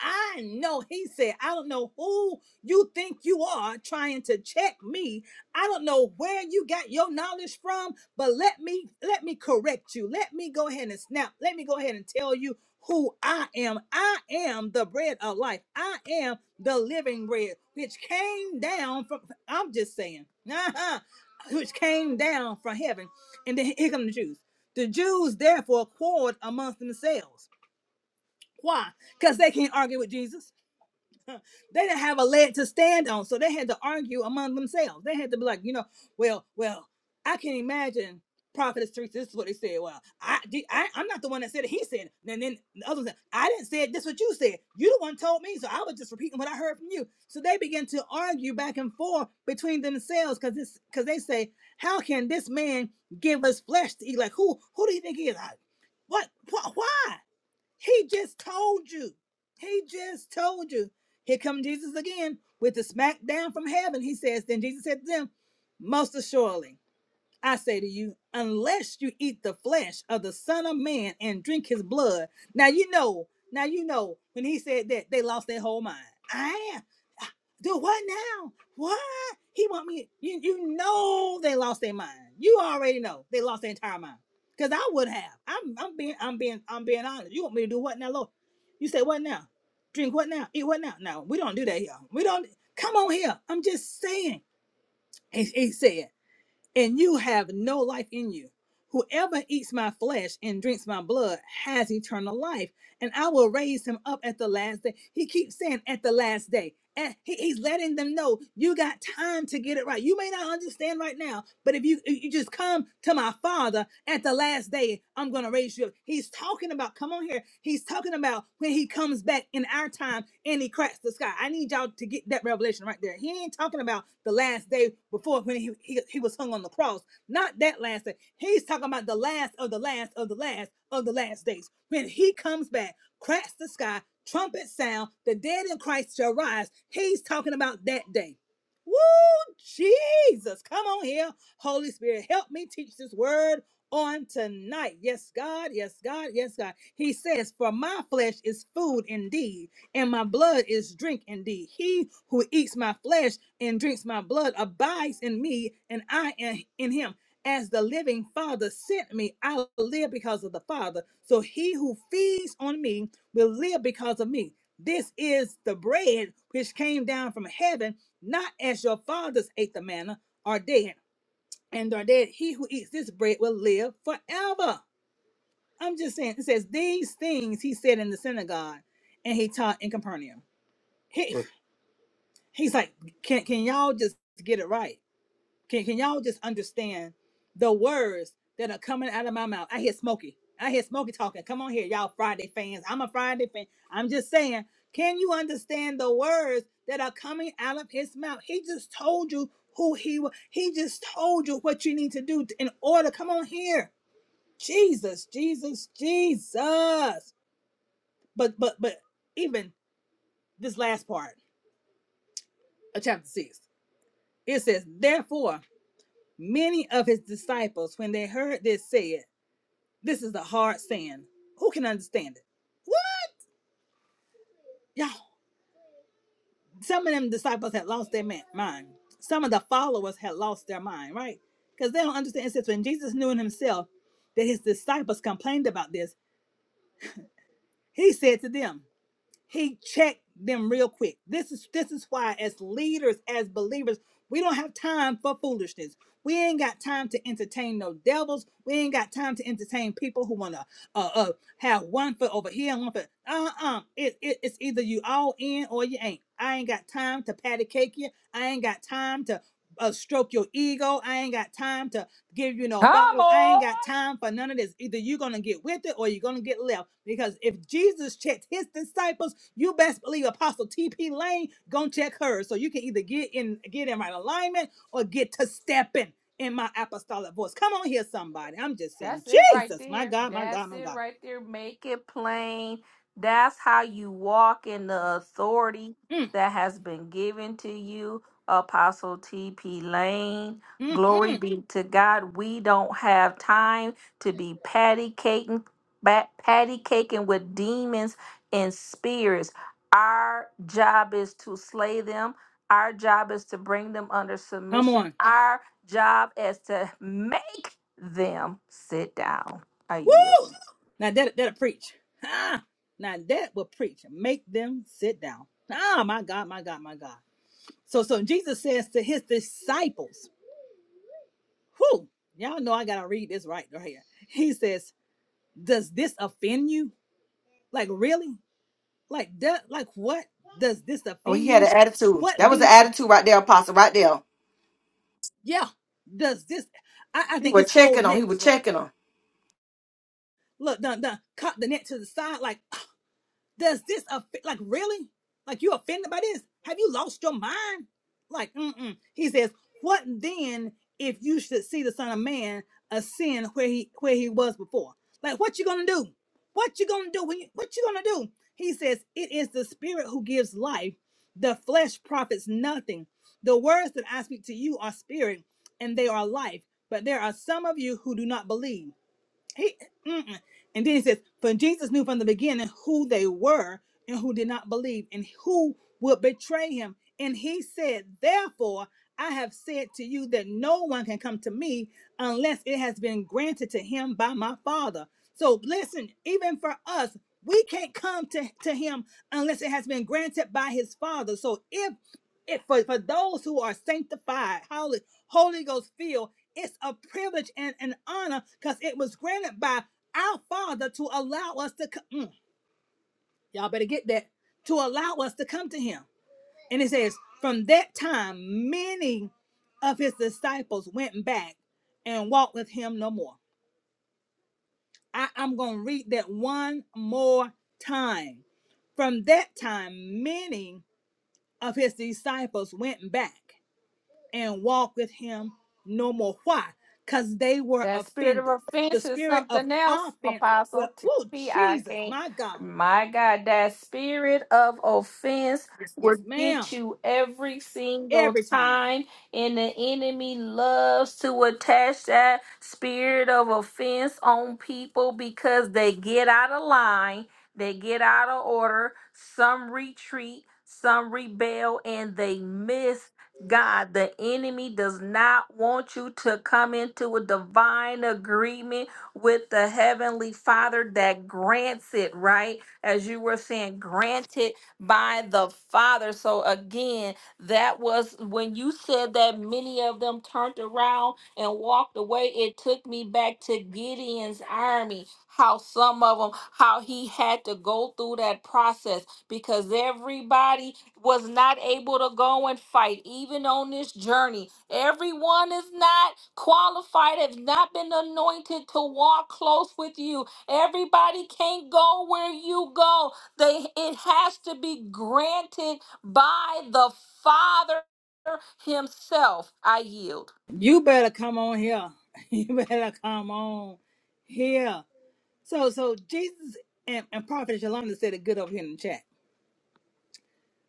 I know, he said, I don't know who you think you are trying to check me. I don't know where you got your knowledge from, but let me let me correct you. Let me go ahead and snap. Let me go ahead and tell you who I am. I am the bread of life. I am the living bread, which came down from I'm just saying, (laughs) uh-huh, which came down from heaven. And then here come the Jews. The Jews therefore quarreled amongst themselves. Why? Because they can't argue with Jesus (laughs) they didn't have a leg to stand on, so they had to argue among themselves. They had to be like, you know, well, well, I can imagine Prophetess Teresa. This is what they said. Well, I, did, I I'm not the one that said it. He said it. And then the others said, I didn't say it. This is what you said. You the one told me, so I was just repeating what I heard from you. So they began to argue back and forth between themselves because this because they say, how can this man give us flesh to eat? Like who who do you think he is? I, what, what why? He just told you. He just told you. Here come Jesus again with the smack down from heaven. He says, Then Jesus said to them, Most assuredly. I say to you, unless you eat the flesh of the Son of Man and drink his blood. Now you know, now you know, when he said that, they lost their whole mind. I am. Do what now? What? He want me, you, you know they lost their mind. You already know they lost their entire mind. Cause I would have. I'm I'm being I'm being I'm being honest. You want me to do what now, Lord? You say what now? Drink what now? Eat what now? No, we don't do that here. We don't come on here. I'm just saying. He, he said and you have no life in you. Whoever eats my flesh and drinks my blood has eternal life, and I will raise him up at the last day. He keeps saying, at the last day. And he- he's letting them know you got time to get it right. You may not understand right now, but if you if you just come to my father at the last day, I'm gonna raise you up. He's talking about, come on here. He's talking about when he comes back in our time and he cracks the sky. I need y'all to get that revelation right there. He ain't talking about the last day before when he, he, he was hung on the cross. Not that last day. He's talking about the last of the last of the last of the last days. When he comes back, cracks the sky trumpet sound, the dead in Christ shall rise. He's talking about that day. Woo, Jesus. Come on here. Holy Spirit, help me teach this word on tonight. Yes, God. Yes, God. Yes, God. He says, For my flesh is food indeed, and my blood is drink indeed. He who eats my flesh and drinks my blood abides in me, and I am in him. As the living Father sent me, I live because of the Father. So he who feeds on me will live because of me. This is the bread which came down from heaven, not as your fathers ate the manna, are dead, and are dead. He who eats this bread will live forever. I'm just saying, it says these things he said in the synagogue and he taught in Capernaum. He, Look, he's like, can, can y'all just get it right? Can can y'all just understand the words that are coming out of my mouth? I hear Smokey. I hear Smokey talking. Come on here, y'all Friday fans. I'm a Friday fan. I'm just saying, can you understand the words that are coming out of his mouth? He just told you who he was. He just told you what you need to do in order. Come on here. Jesus, Jesus, Jesus. But but but even this last part of chapter six, it says, therefore, many of his disciples, when they heard this, said. This is a hard saying. Who can understand it? What? Y'all, some of them disciples had lost their man- mind. Some of the followers had lost their mind, right? Because they don't understand. It says when Jesus knew in himself that his disciples complained about this, he said to them. he checked them real quick. This is this is why as leaders, as believers, we don't have time for foolishness. We ain't got time to entertain no devils. We ain't got time to entertain people who wanna uh, uh have one foot over here and one foot. Uh uh it, it it's either you all in or you ain't. I ain't got time to patty cake you. I ain't got time to uh, stroke your ego. I ain't got time to give you no Come bottle. I ain't on. got time for none of this. Either you're gonna get with it or you're gonna get left. Because if Jesus checked his disciples, you best believe Apostle T.P. Lane gonna check hers. So you can either get in get in right alignment or get to stepping in my apostolic voice. Come on here, somebody. I'm just saying, That's it right Jesus, my there. God, my That's God, my it God. right there. Make it plain. That's how you walk in the authority Mm, that has been given to you, Apostle T.P. Lane. mm, Glory mm. be to God. We don't have time to be patty caking, ba- patty caking with demons and spirits. Our job is to slay them. Our job is to bring them under Come submission. on. Our job is to (laughs) make them sit down. I yield. Woo! Now that that'll preach. Ah, now that will preach. Make them sit down. Ah, my God, my God, my God. So, so Jesus says to his disciples, who y'all know I gotta read this right right here. He says, Does this offend you? Like really? Like that like what? Does this Oh, he offend had you? an attitude. What That was an then is attitude right there, Apostle, right there. yeah, does this I, I He think his was whole checking him. He neck was was rolling. checking him. Look, done done, caught the neck to the side, like Does this affect? Like really? Like you offended by this? Have you lost your mind? Like mm-mm. He says, what then if you should see the Son of Man ascend where he where he was before? Like what you gonna do? What you gonna do? When you, what you gonna do? He says, it is the Spirit who gives life. The flesh profits nothing. The words that I speak to you are spirit and they are life, but there are some of you who do not believe. He, mm-mm. and then he says, For Jesus knew from the beginning who they were and who did not believe and who would betray him. And he said, Therefore, I have said to you that no one can come to me unless it has been granted to him by my Father. So listen, even for us, we can't come to, to him unless it has been granted by his Father. So if if for, for those who are sanctified, holy, Holy Ghost filled, it's a privilege and an honor because it was granted by our Father to allow us to come. Mm, y'all better get that. To allow us to come to Him. And it says, from that time, many of His disciples went back and walked with Him no more. I, I'm going to read that one more time. From that time, many of His disciples went back and walk with him no more. Why? Because they were That spirit of offended. The offense is spirit of something else, offense, well, Apostle woo, TP. I Jesus, can't. my God. My God, that spirit of offense will Yes, ma'am. get you every single Every time. time, and the enemy loves to attach that spirit of offense on people because they get out of line, they get out of order, some retreat, some rebel, and they miss. God, the enemy does not want you to come into a divine agreement with the heavenly Father that grants it, right? As you were saying, granted by the Father. So, again, that was when you said that many of them turned around and walked away. It took me back to Gideon's army, how some of them, how he had to go through that process because everybody was not able to go and fight, even on this journey. Everyone is not qualified, have not been anointed to walk close with you. Everybody can't go where you go. They it has to be granted by the Father Himself. I yield. You better come on here. (laughs) You better come on here. So so Jesus and, and Prophet Shalonda said it good over here in the chat.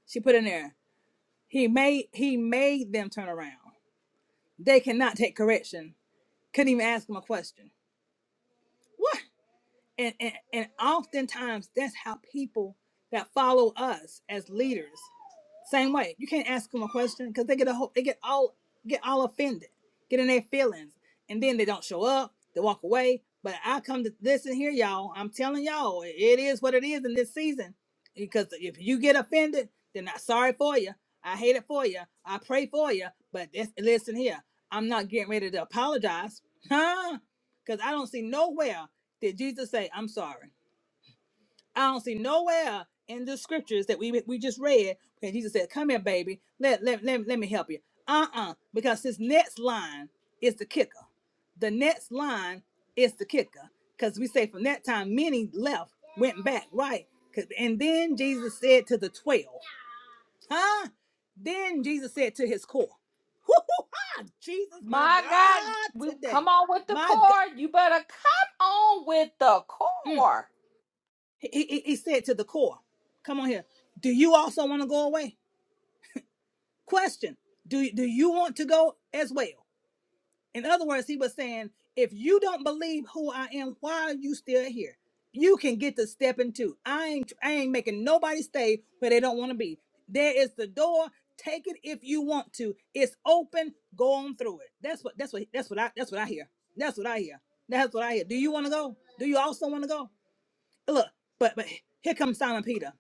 She put in there, he made he made them turn around. They cannot take correction. Couldn't even ask him a question. What? and, and and oftentimes that's how people that follow us as leaders same way, you can't ask them a question because they get a whole, they get all get all offended, get in their feelings, and then they don't show up. They walk away. But I come to listen here, y'all. I'm telling y'all, it is what it is in this season. Because if you get offended, then I'm sorry for you. I hate it for you. I pray for you. But this, listen here, I'm not getting ready to apologize, huh? Because I don't see nowhere did Jesus say, "I'm sorry." I don't see nowhere in the scriptures that we we just read where Jesus said, "Come here, baby. Let let let, let me help you." Uh-uh, because this next line is the kicker. The next line is the kicker, because we say from that time many left, went back, right? 'Cause- And then Jesus said to the twelve, huh? Then Jesus said to his core, woo ha Jesus, my My God, God, we come today, on with the my God." cord. You better come on with the Mm. cord. he, he he said to the core, "Come on here. Do you also want to go away?" Question: Do do you want to go as well? In other words, he was saying, if you don't believe who I am, why are you still here? You can get to step into. I ain't I ain't making nobody stay where they don't want to be. There is the door. Take it if you want to. It's open. Go on through it. That's what that's what that's what I that's what I hear. That's what I hear. That's what I hear. Do you want to go? Do you also want to go? Look, but but here comes Simon Peter.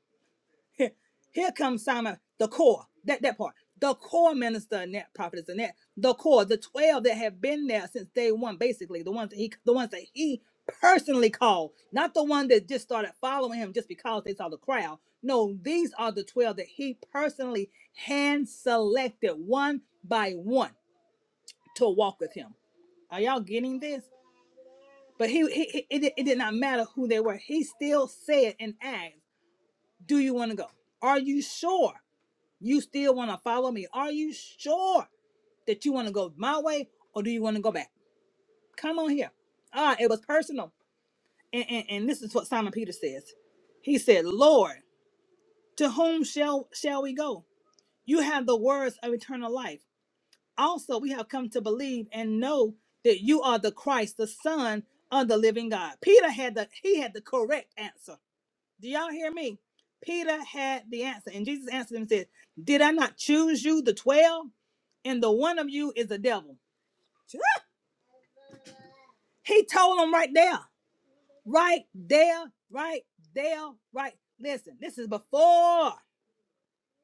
Here, here comes Simon, the core, that, that part. The core minister and that prophetess and that the core, the twelve that have been there since day one, basically the ones that he, the ones that he personally called, not the one that just started following him just because they saw the crowd. No, these are the twelve that he personally hand selected one by one to walk with him. Are y'all getting this? But he, he, he- it, it did not matter who they were. He still said in Acts, "Do you want to go? Are you sure?" You still want to follow me? Are you sure that you want to go my way or do you want to go back? Come on here. Ah, it was personal. And, and, and this is what Simon Peter says. He said, Lord, to whom shall shall we go? You have the words of eternal life. Also, we have come to believe and know that you are the Christ, the Son of the living God. Peter had the he had the correct answer. Do y'all hear me? Peter had the answer, and Jesus answered him and said, Did I not choose you, the 12? And the one of you is the devil. He told them right there, right there, right there, right. Listen, this is before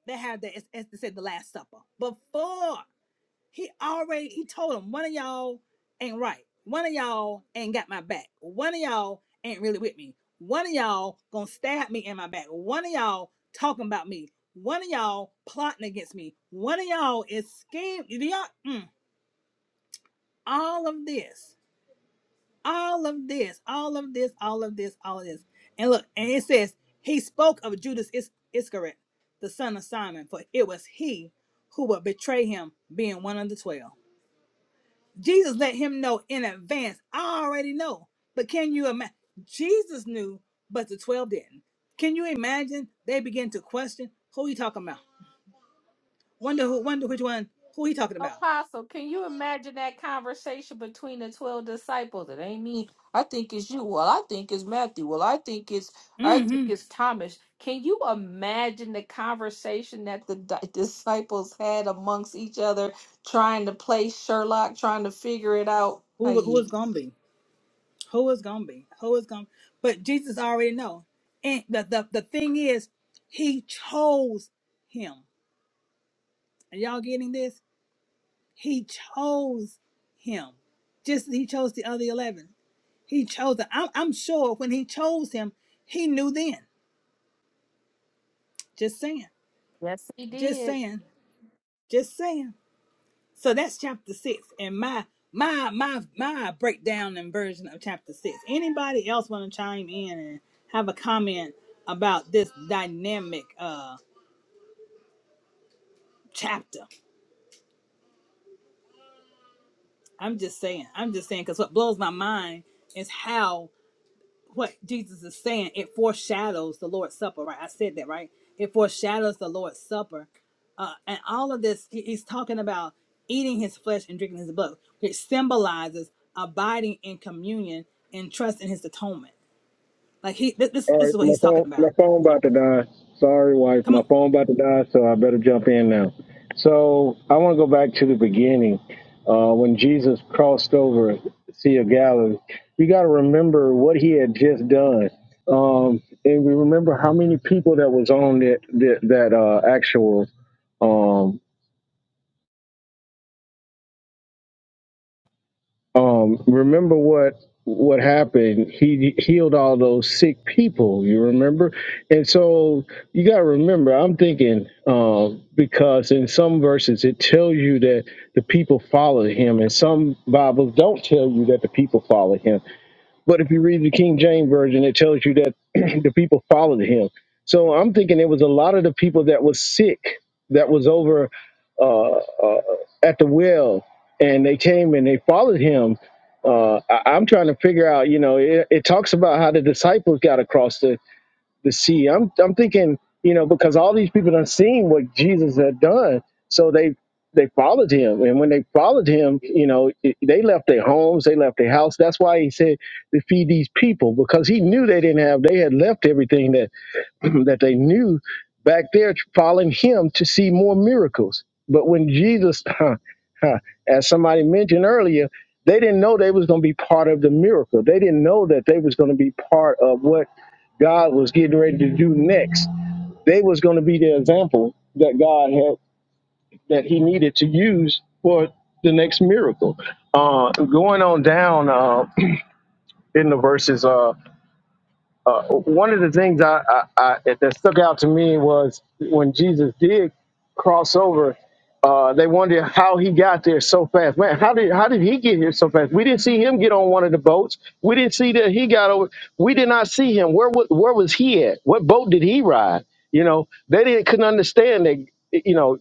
they had the, as they said, the Last Supper. Before. He already he told him one of y'all ain't right. One of y'all ain't got my back. One of y'all ain't really with me. One of y'all gonna stab me in my back. One of y'all talking about me. One of y'all plotting against me. One of y'all is scheming. Do y'all mm, all of this? All of this, all of this, all of this, all of this. And look, and it says he spoke of Judas Is- Iscariot, the son of Simon, for it was he who would betray him, being one of the twelve. Jesus let him know in advance. I already know. But can you imagine? Jesus knew, but the 12 didn't. Can you imagine? They begin to question who he talking about. Wonder who wonder which one who he talking about. Apostle, can you imagine that conversation between the 12 disciples? It ain't me. I think it's you. Well, I think it's Matthew. Well, I think it's I think Mm-hmm. it's Thomas. Can you imagine the conversation that the di- disciples had amongst each other trying to play Sherlock, trying to figure it out? Who who Ay, is gonna be? Who is gonna be? Who is gonna but Jesus already know. And the, the, the thing is, he chose him. Are y'all getting this? He chose him. Just as he chose the other eleven. He chose him. I'm, I'm sure when he chose him, he knew then. Just saying. Yes, he Just did. saying. Just saying. So that's chapter six and my my my my breakdown and version of chapter six. Anybody else want to chime in and have a comment about this dynamic uh chapter? I'm just saying. I'm just saying because what blows my mind is how what Jesus is saying, it foreshadows the Lord's Supper, right? I said that, right? It foreshadows the Lord's Supper. Uh, and all of this, he- he's talking about eating his flesh and drinking his blood, which symbolizes abiding in communion and trust in his atonement. Like he, th- this, All this right, is so what my he's talking phone, my about. phone about to die. Sorry, wife, Come my on. phone about to die, so I better jump in now. So I want to go back to the beginning, uh, when Jesus crossed over the Sea of Galilee. You got to remember what he had just done, um, and we remember how many people that was on that that, that uh, actual um, Um, remember what what happened? He healed all those sick people. You remember? And so you got to remember. I'm thinking um, because in some verses it tells you that the people followed him, and some Bibles don't tell you that the people followed him. But if you read the King James version, it tells you that (clears throat) the people followed him. So I'm thinking it was a lot of the people that was sick that was over uh, uh, at the well, and they came and they followed him. Uh, I, I'm trying to figure out, you know, it, it talks about how the disciples got across to see. I'm I'm thinking, you know, because all these people done seen what Jesus had done, so they they followed him, and when they followed him, you know, it- they left their homes, they left their house. That's why he said to feed these people because he knew they didn't have, they had left everything (clears throat) that they knew back there following him to see more miracles. But when Jesus, (laughs) as somebody mentioned earlier, they didn't know they was going to be part of the miracle. They didn't know that they was going to be part of what God was getting ready to do next. They was going to be the example that God had that He needed to use for the next miracle. Uh, going on down uh, (clears throat) in the verses. Uh, uh, one of the things I, I, I, that stuck out to me was when Jesus did cross over, uh, they wondered how he got there so fast. Man, how did how did he get here so fast? We didn't see him get on one of the boats. We didn't see that he got over. We did not see him. Where wa- where was he at? What boat did he ride? You know, they didn't couldn't understand that. You know,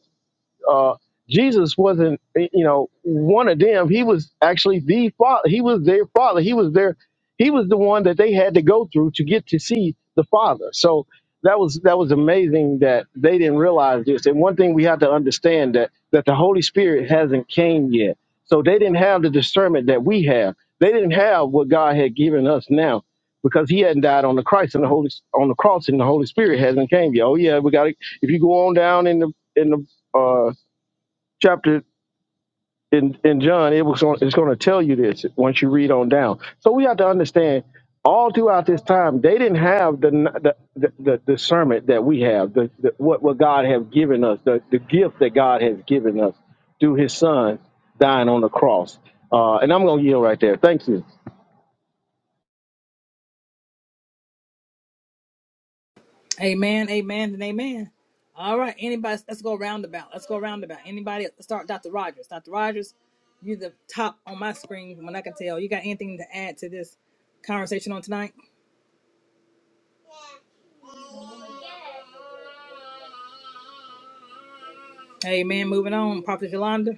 uh, Jesus wasn't, you know, one of them. He was actually the father. He was their father. He was their, he was the one that they had to go through to get to see the Father. So that was that was amazing that they didn't realize this. And one thing we have to understand that that the Holy Spirit hasn't came yet. So they didn't have the discernment that we have. They didn't have what God had given us now because he hadn't died on the Christ and the Holy on the cross and the Holy Spirit hasn't came yet. Oh yeah, we got to if you go on down in the in the uh, chapter in, in John, it was on, it's going to tell you this once you read on down. So we have to understand all throughout this time they didn't have the the, the, the discernment that we have, the, the what what God has given us, the, the gift that God has given us through His Son dying on the cross. Uh, and I'm going to yield right there. Thank you. Amen, amen, and amen. All right, anybody, let's go roundabout. Let's go roundabout. Anybody, let's start Dr. Rogers. Dr. Rogers, you the top on my screen when I can tell. You got anything to add to this conversation on tonight? Amen. Moving on, Prophet Yolanda.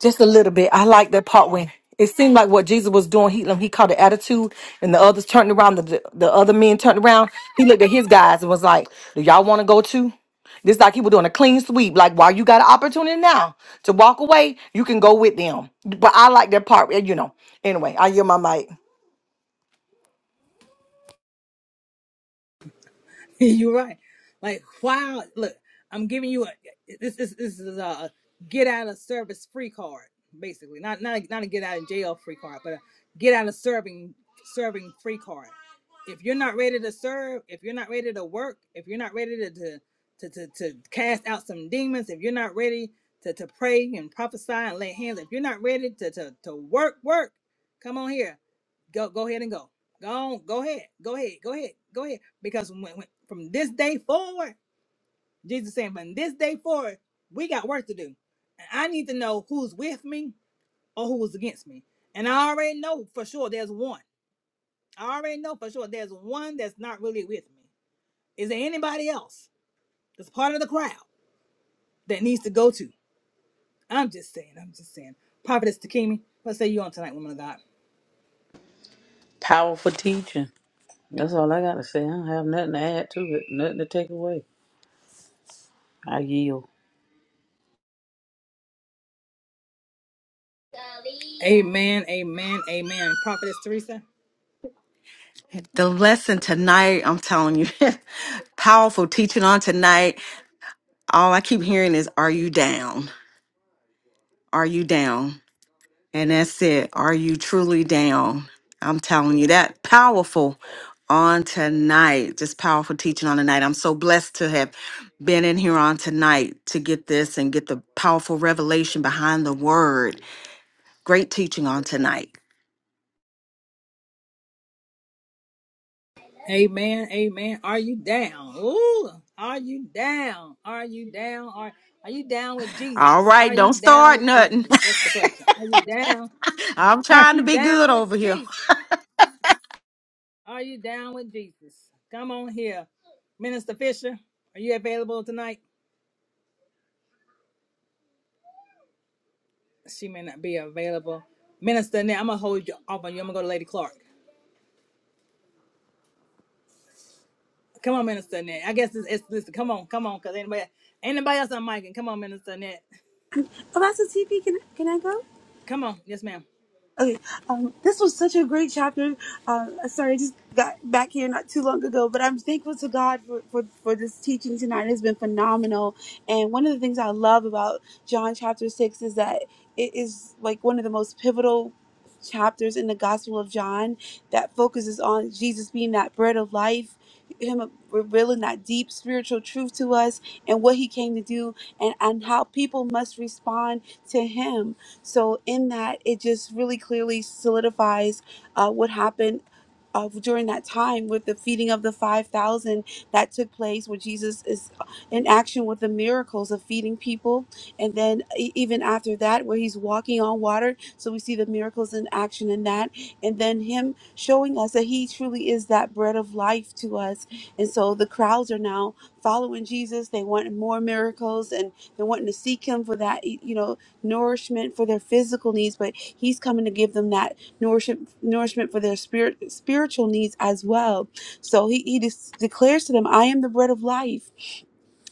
Just a little bit. I like that part when it seemed like what Jesus was doing. He he caught the attitude, and the others turned around. The the other men turned around. He looked at his guys and was like, "Do y'all want to go too?" This like he was doing a clean sweep. Like while you got an opportunity now to walk away, you can go with them. But I like that part. You know. Anyway, I hear my mic. (laughs) You're right. Like, wow, look, I'm giving you a this is this is a get out of service free card, basically. Not not a, not a get out of jail free card, but a get out of serving serving free card. If you're not ready to serve, if you're not ready to work, if you're not ready to to to, to, to cast out some demons, if you're not ready to, to pray and prophesy and lay hands, if you're not ready to, to to work work, come on here. Go go ahead and go. Go on, go ahead. Go ahead. Go ahead. Go ahead because when, when- from this day forward, Jesus saying, from this day forward, we got work to do. And I need to know who's with me or who's against me. And I already know for sure there's one. I already know for sure there's one that's not really with me. Is there anybody else that's part of the crowd that needs to go to? I'm just saying, I'm just saying. Prophetess Takimi, what say you on tonight, woman of God? Powerful teaching. That's all I got to say. I don't have nothing to add to it, nothing to take away. I yield. Amen, amen, amen. Prophetess Teresa? the lesson tonight, I'm telling you, (laughs) powerful teaching on tonight. All I keep hearing is, Are you down? Are you down? And that's it. Are you truly down? I'm telling you, that powerful on tonight. Just powerful teaching on tonight. I'm so blessed to have been in here on tonight to get this and get the powerful revelation behind the word. Great teaching on tonight. Amen. Amen. Are you down? Ooh, are you down? Are you down? Are are you down with All Jesus? Are right, don't you down start with nothing. Jesus? That's the question. Are you down? (laughs) I'm (laughs) Are trying to you be good down over with here. Jesus? Are you down with Jesus? Come on here. Minister Fisher, are you available tonight? She may not be available. Minister Annette, I'm gonna hold you off on you. I'm gonna go to Lady Clark. Come on, Minister Annette. I guess it's, it's listen, come on, come on, cause anybody anybody else on mic and come on, Minister Annette. Oh, Apostle TP, can can I go? Come on, yes, ma'am. Okay, um, this was such a great chapter. Um, sorry, I just got back here not too long ago, but I'm thankful to God for, for, for this teaching tonight. It's been phenomenal. And one of the things I love about John chapter 6 is that it is like one of the most pivotal chapters in the Gospel of John that focuses on Jesus being that bread of life, Him revealing that deep spiritual truth to us and what He came to do, and, and how people must respond to Him so, in that, it just really clearly solidifies uh, what happened. Uh, during that time with the feeding of the 5000 that took place where jesus is uh, in action with the miracles of feeding people and then e- even after that where he's walking on water so we see the miracles in action in that and then him showing us that he truly is that bread of life to us and so the crowds are now following jesus they want more miracles and they're wanting to seek him for that you know nourishment for their physical needs, but He's coming to give them that nourishment, nourishment for their spirit, spiritual needs as well. So He, he des- declares to them, I am the bread of life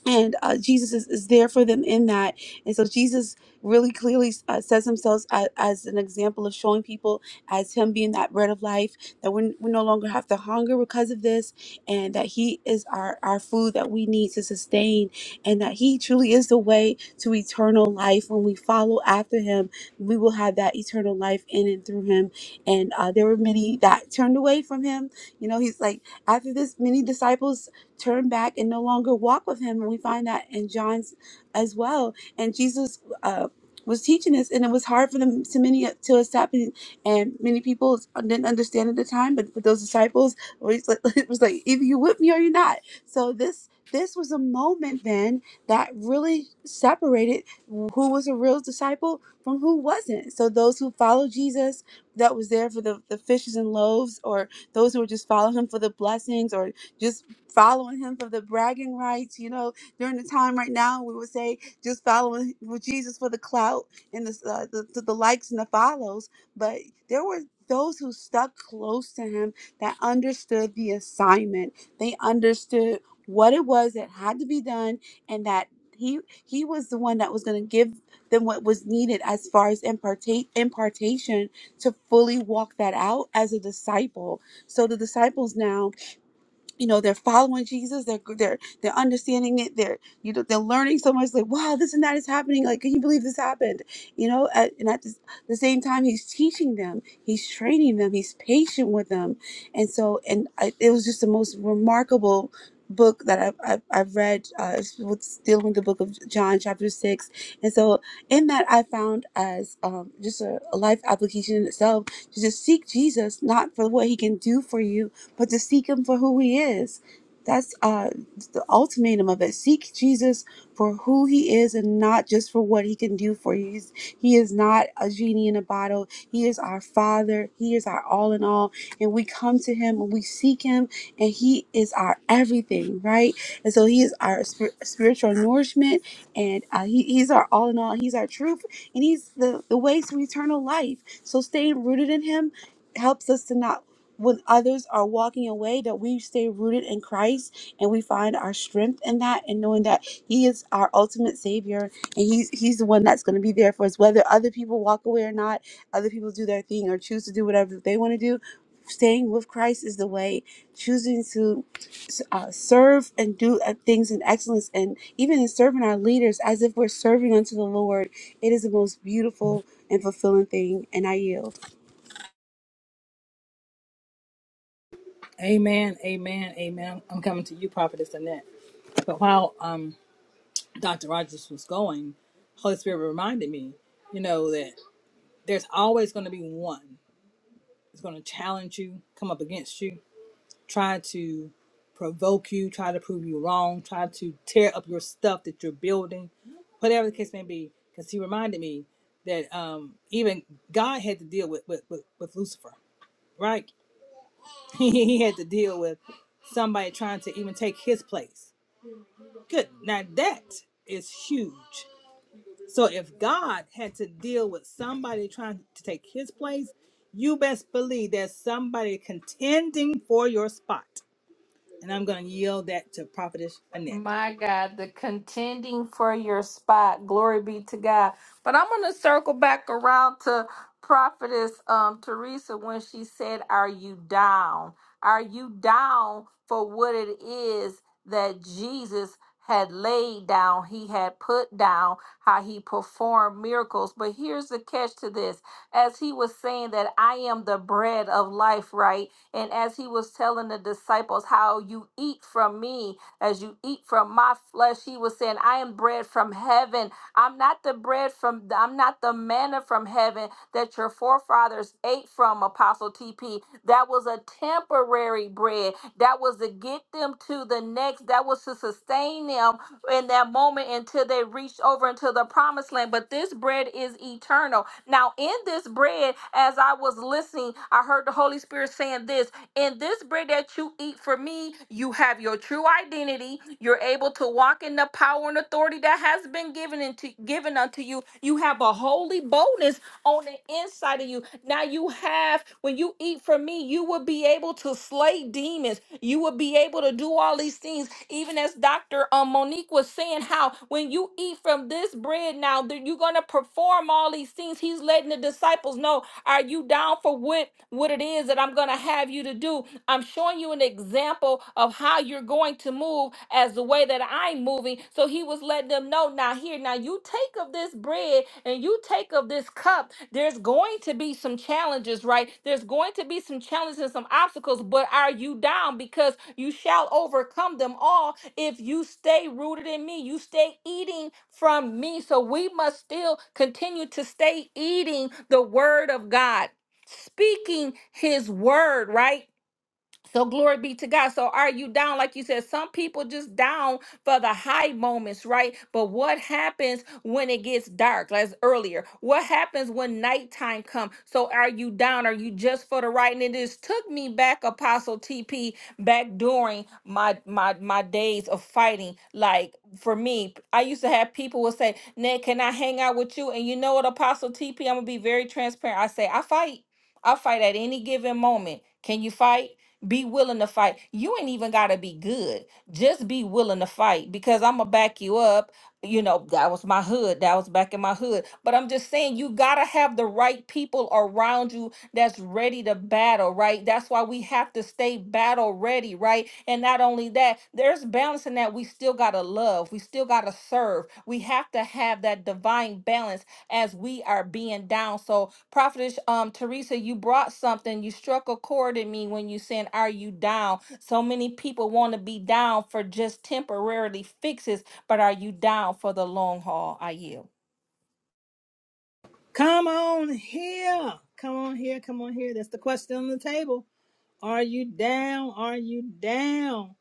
and uh, Jesus is, is there for them in that. And so Jesus really clearly uh, says himself as, as an example of showing people as him being that bread of life, that we, we no longer have to hunger because of this, and that he is our, our food that we need to sustain, and that he truly is the way to eternal life. When we follow after him, we will have that eternal life in and through him. And uh, there were many that turned away from him. You know, he's like, after this, many disciples turn back and no longer walk with him. And we find that in John's as well. And Jesus uh, was teaching us, and it was hard for them to many to accept, and, and many people didn't understand at the time. But for those disciples, it was like (laughs) it was like, either you with me or you're not. So this this was a moment then that really separated who was a real disciple from who wasn't. So those who followed Jesus, that was there for the, the fishes and loaves, or those who were just following him for the blessings, or just following him for the bragging rights. You know, during the time right now, we would say just following with Jesus for the clout and the, uh, the, the the likes and the follows. But there were those who stuck close to him that understood the assignment. They understood what it was that had to be done, and that he he was the one that was going to give them what was needed as far as impartate impartation to fully walk that out as a disciple. So the disciples now you know they're following Jesus. They're they're they're understanding it. They're you know they're learning so much. Like wow, this and that is happening. Like can you believe this happened? You know, at, and at this, the same time he's teaching them, he's training them, he's patient with them, and so and I, it was just the most remarkable book that I've, I've, I've read uh what's dealing with the book of john chapter 6 and so in that i found as um, just a, a life application in itself to just seek jesus not for what he can do for you but to seek him for who he is. That's uh, the ultimatum of it. Seek Jesus for who he is and not just for what he can do for you. He's, he is not a genie in a bottle. He is our Father. He is our all in all. And we come to him and we seek him, and he is our everything, right? And so he is our spir- spiritual nourishment, and uh, he, he's our all in all. He's our truth, and he's the, the way to eternal life. So staying rooted in him helps us to not when others are walking away that we stay rooted in Christ and we find our strength in that and knowing that he is our ultimate savior and he's he's the one that's going to be there for us whether other people walk away or not other people do their thing or choose to do whatever they want to do staying with Christ is the way choosing to uh, serve and do uh, things in excellence and even in serving our leaders as if we're serving unto the Lord it is the most beautiful and fulfilling thing and I yield Amen, amen, amen. I'm coming to you, Prophetess Annette. But while um, Dr. Rogers was going, Holy Spirit reminded me, you know, that there's always going to be one that's going to challenge you, come up against you, try to provoke you, try to prove you wrong, try to tear up your stuff that you're building, whatever the case may be. Because he reminded me that um, even God had to deal with, with, with, with Lucifer, right? (laughs) he had to deal with somebody trying to even take his place Good. Now that is huge. So if God had to deal with somebody trying to take his place, you best believe there's somebody contending for your spot. And I'm going to yield that to Prophetess Annette. My God, the contending for your spot. Glory be to God. But I'm going to circle back around to Prophetess um, Teresa when she said, Are you down? Are you down for what it is that Jesus had laid down? He had put down how he performed miracles. But here's the catch to this as he was saying that I am the bread of life, right? And as he was telling the disciples how you eat from me, as you eat from my flesh, he was saying, I am bread from heaven. I'm not the bread from, I'm not the manna from heaven that your forefathers ate from, Apostle TP. That was a temporary bread. That was to get them to the next, that was to sustain them in that moment until they reached over into the promised land. But this bread is eternal. Now, in this bread, as I was listening, I heard the Holy Spirit saying this. In this bread that you eat for me, you have your true identity. You're able to walk in the power and authority that has been given into given unto you. You have a holy boldness on the inside of you. Now you have, when you eat from me, you will be able to slay demons. You will be able to do all these things. Even as Dr. Um, Monique was saying, how when you eat from this bread now, that you're gonna perform all these things. He's letting the disciples know are you down for what, what it is that I'm going to have you to do? I'm showing you an example of how you're going to move as the way that I'm moving. So he was letting them know now, here, now you take of this bread and you take of this cup. There's going to be some some challenges, right? There's going to be some challenges and some obstacles, but are you down? Because you shall overcome them all if you stay rooted in me. You stay eating from me. So we must still continue to stay eating the word of God, speaking his word, right? So glory be to God. So are you down? Like you said, some people just down for the high moments, right? But what happens when it gets dark? As earlier, what happens when nighttime comes? So are you down? Are you just for the right? And it just took me back, Apostle TP, back during my my my days of fighting. Like for me, I used to have people would say, "Ned, can I hang out with you?" And you know what, Apostle TP, I'm gonna be very transparent. I say, I fight. I fight at any given moment. Can you fight? Be willing to fight. You ain't even got to be good. Just be willing to fight because I'm going to back you up. You know, that was my hood. That was back in my hood. But I'm just saying, you got to have the right people around you that's ready to battle, right? That's why we have to stay battle ready, right? And not only that, there's balance in that. We still got to love, we still got to serve. We have to have that divine balance as we are being down. So, Prophetess um, Teresa, you brought something. You struck a chord in me when you said, Are you down? So many people want to be down for just temporarily fixes, but are you down for the long haul? I yield. Come on here. Come on here. Come on here. That's the question on the table. Are you down? Are you down?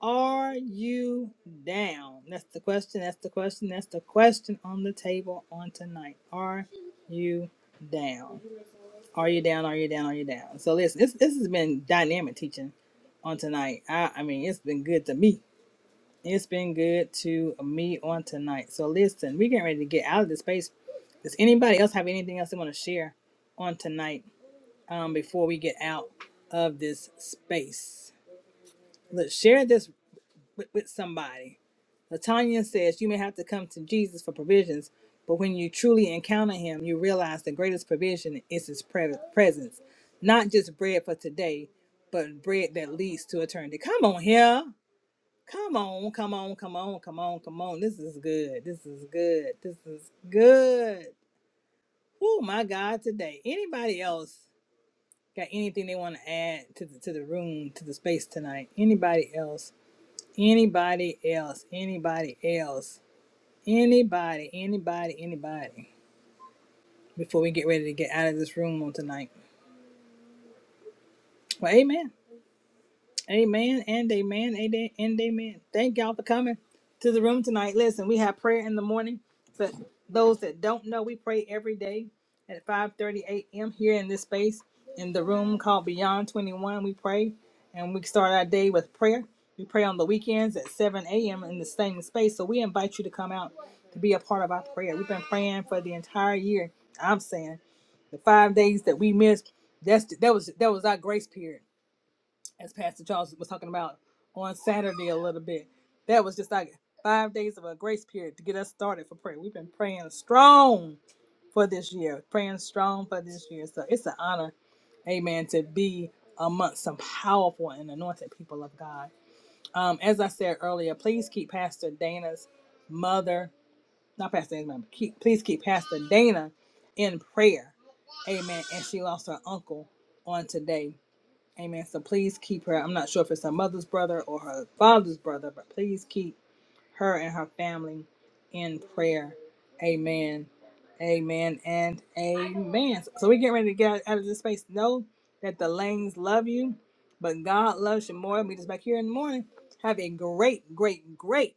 Are you down? That's the question. That's the question. That's the question on the table on tonight. Are you down? Are you down? Are you down? Are you down? So listen, this this has been dynamic teaching on tonight. I I mean, it's been good to me. It's been good to me on tonight. So listen, we're getting ready to get out of this space. Does anybody else have anything else they want to share on tonight um, before we get out of this space? Let's share this with, with somebody. Latanya says you may have to come to Jesus for provisions, but when you truly encounter him, you realize the greatest provision is his pre- presence. Not just bread for today, but bread that leads to eternity. Come on here. Come on, come on, come on, come on, come on. This is good. This is good. This is good. Oh my God, today. Anybody else got anything they want to add to the to the room, to the space tonight? Anybody else? Anybody else? Anybody else? Anybody? Anybody? Anybody? Before we get ready to get out of this room on tonight. Well, amen. Amen and amen ada- and amen. Thank y'all for coming to the room tonight. Listen, we have prayer in the morning. For those that don't know, we pray every day at 5:30 a.m. here in this space in the room called Beyond 21. We pray and we start our day with prayer. We pray on the weekends at 7 a.m. in the same space. So we invite you to come out to be a part of our prayer. We've been praying for the entire year. I'm saying the five days that we missed. That's that was that was our grace period as Pastor Charles was talking about on Saturday a little bit. That was just like five days of a grace period to get us started for prayer. We've been praying strong for this year, praying strong for this year. So it's an honor, amen, to be amongst some powerful and anointed people of God. Um, as I said earlier, please keep Pastor Dana's mother, not Pastor Dana's mother, keep, please keep Pastor Dana in prayer. Amen. And she lost her uncle on today. Amen. So please keep her. I'm not sure if it's her mother's brother or her father's brother, but please keep her and her family in prayer. Amen. Amen and amen. So so we get ready to get out of this space. Know that the lanes love you, but God loves you more. Meet us back here in the morning. Have a great, great, great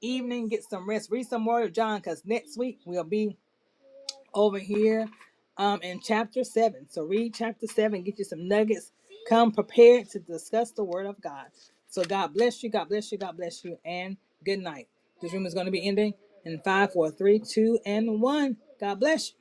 evening. Get some rest. Read some more of John because next week we'll be over here um, in chapter 7. So read chapter 7, get you some nuggets. Come prepared to discuss the word of God. So God bless you, God bless you, God bless you, and good night. This room is going to be ending in five, four, three, two, and 1. God bless you.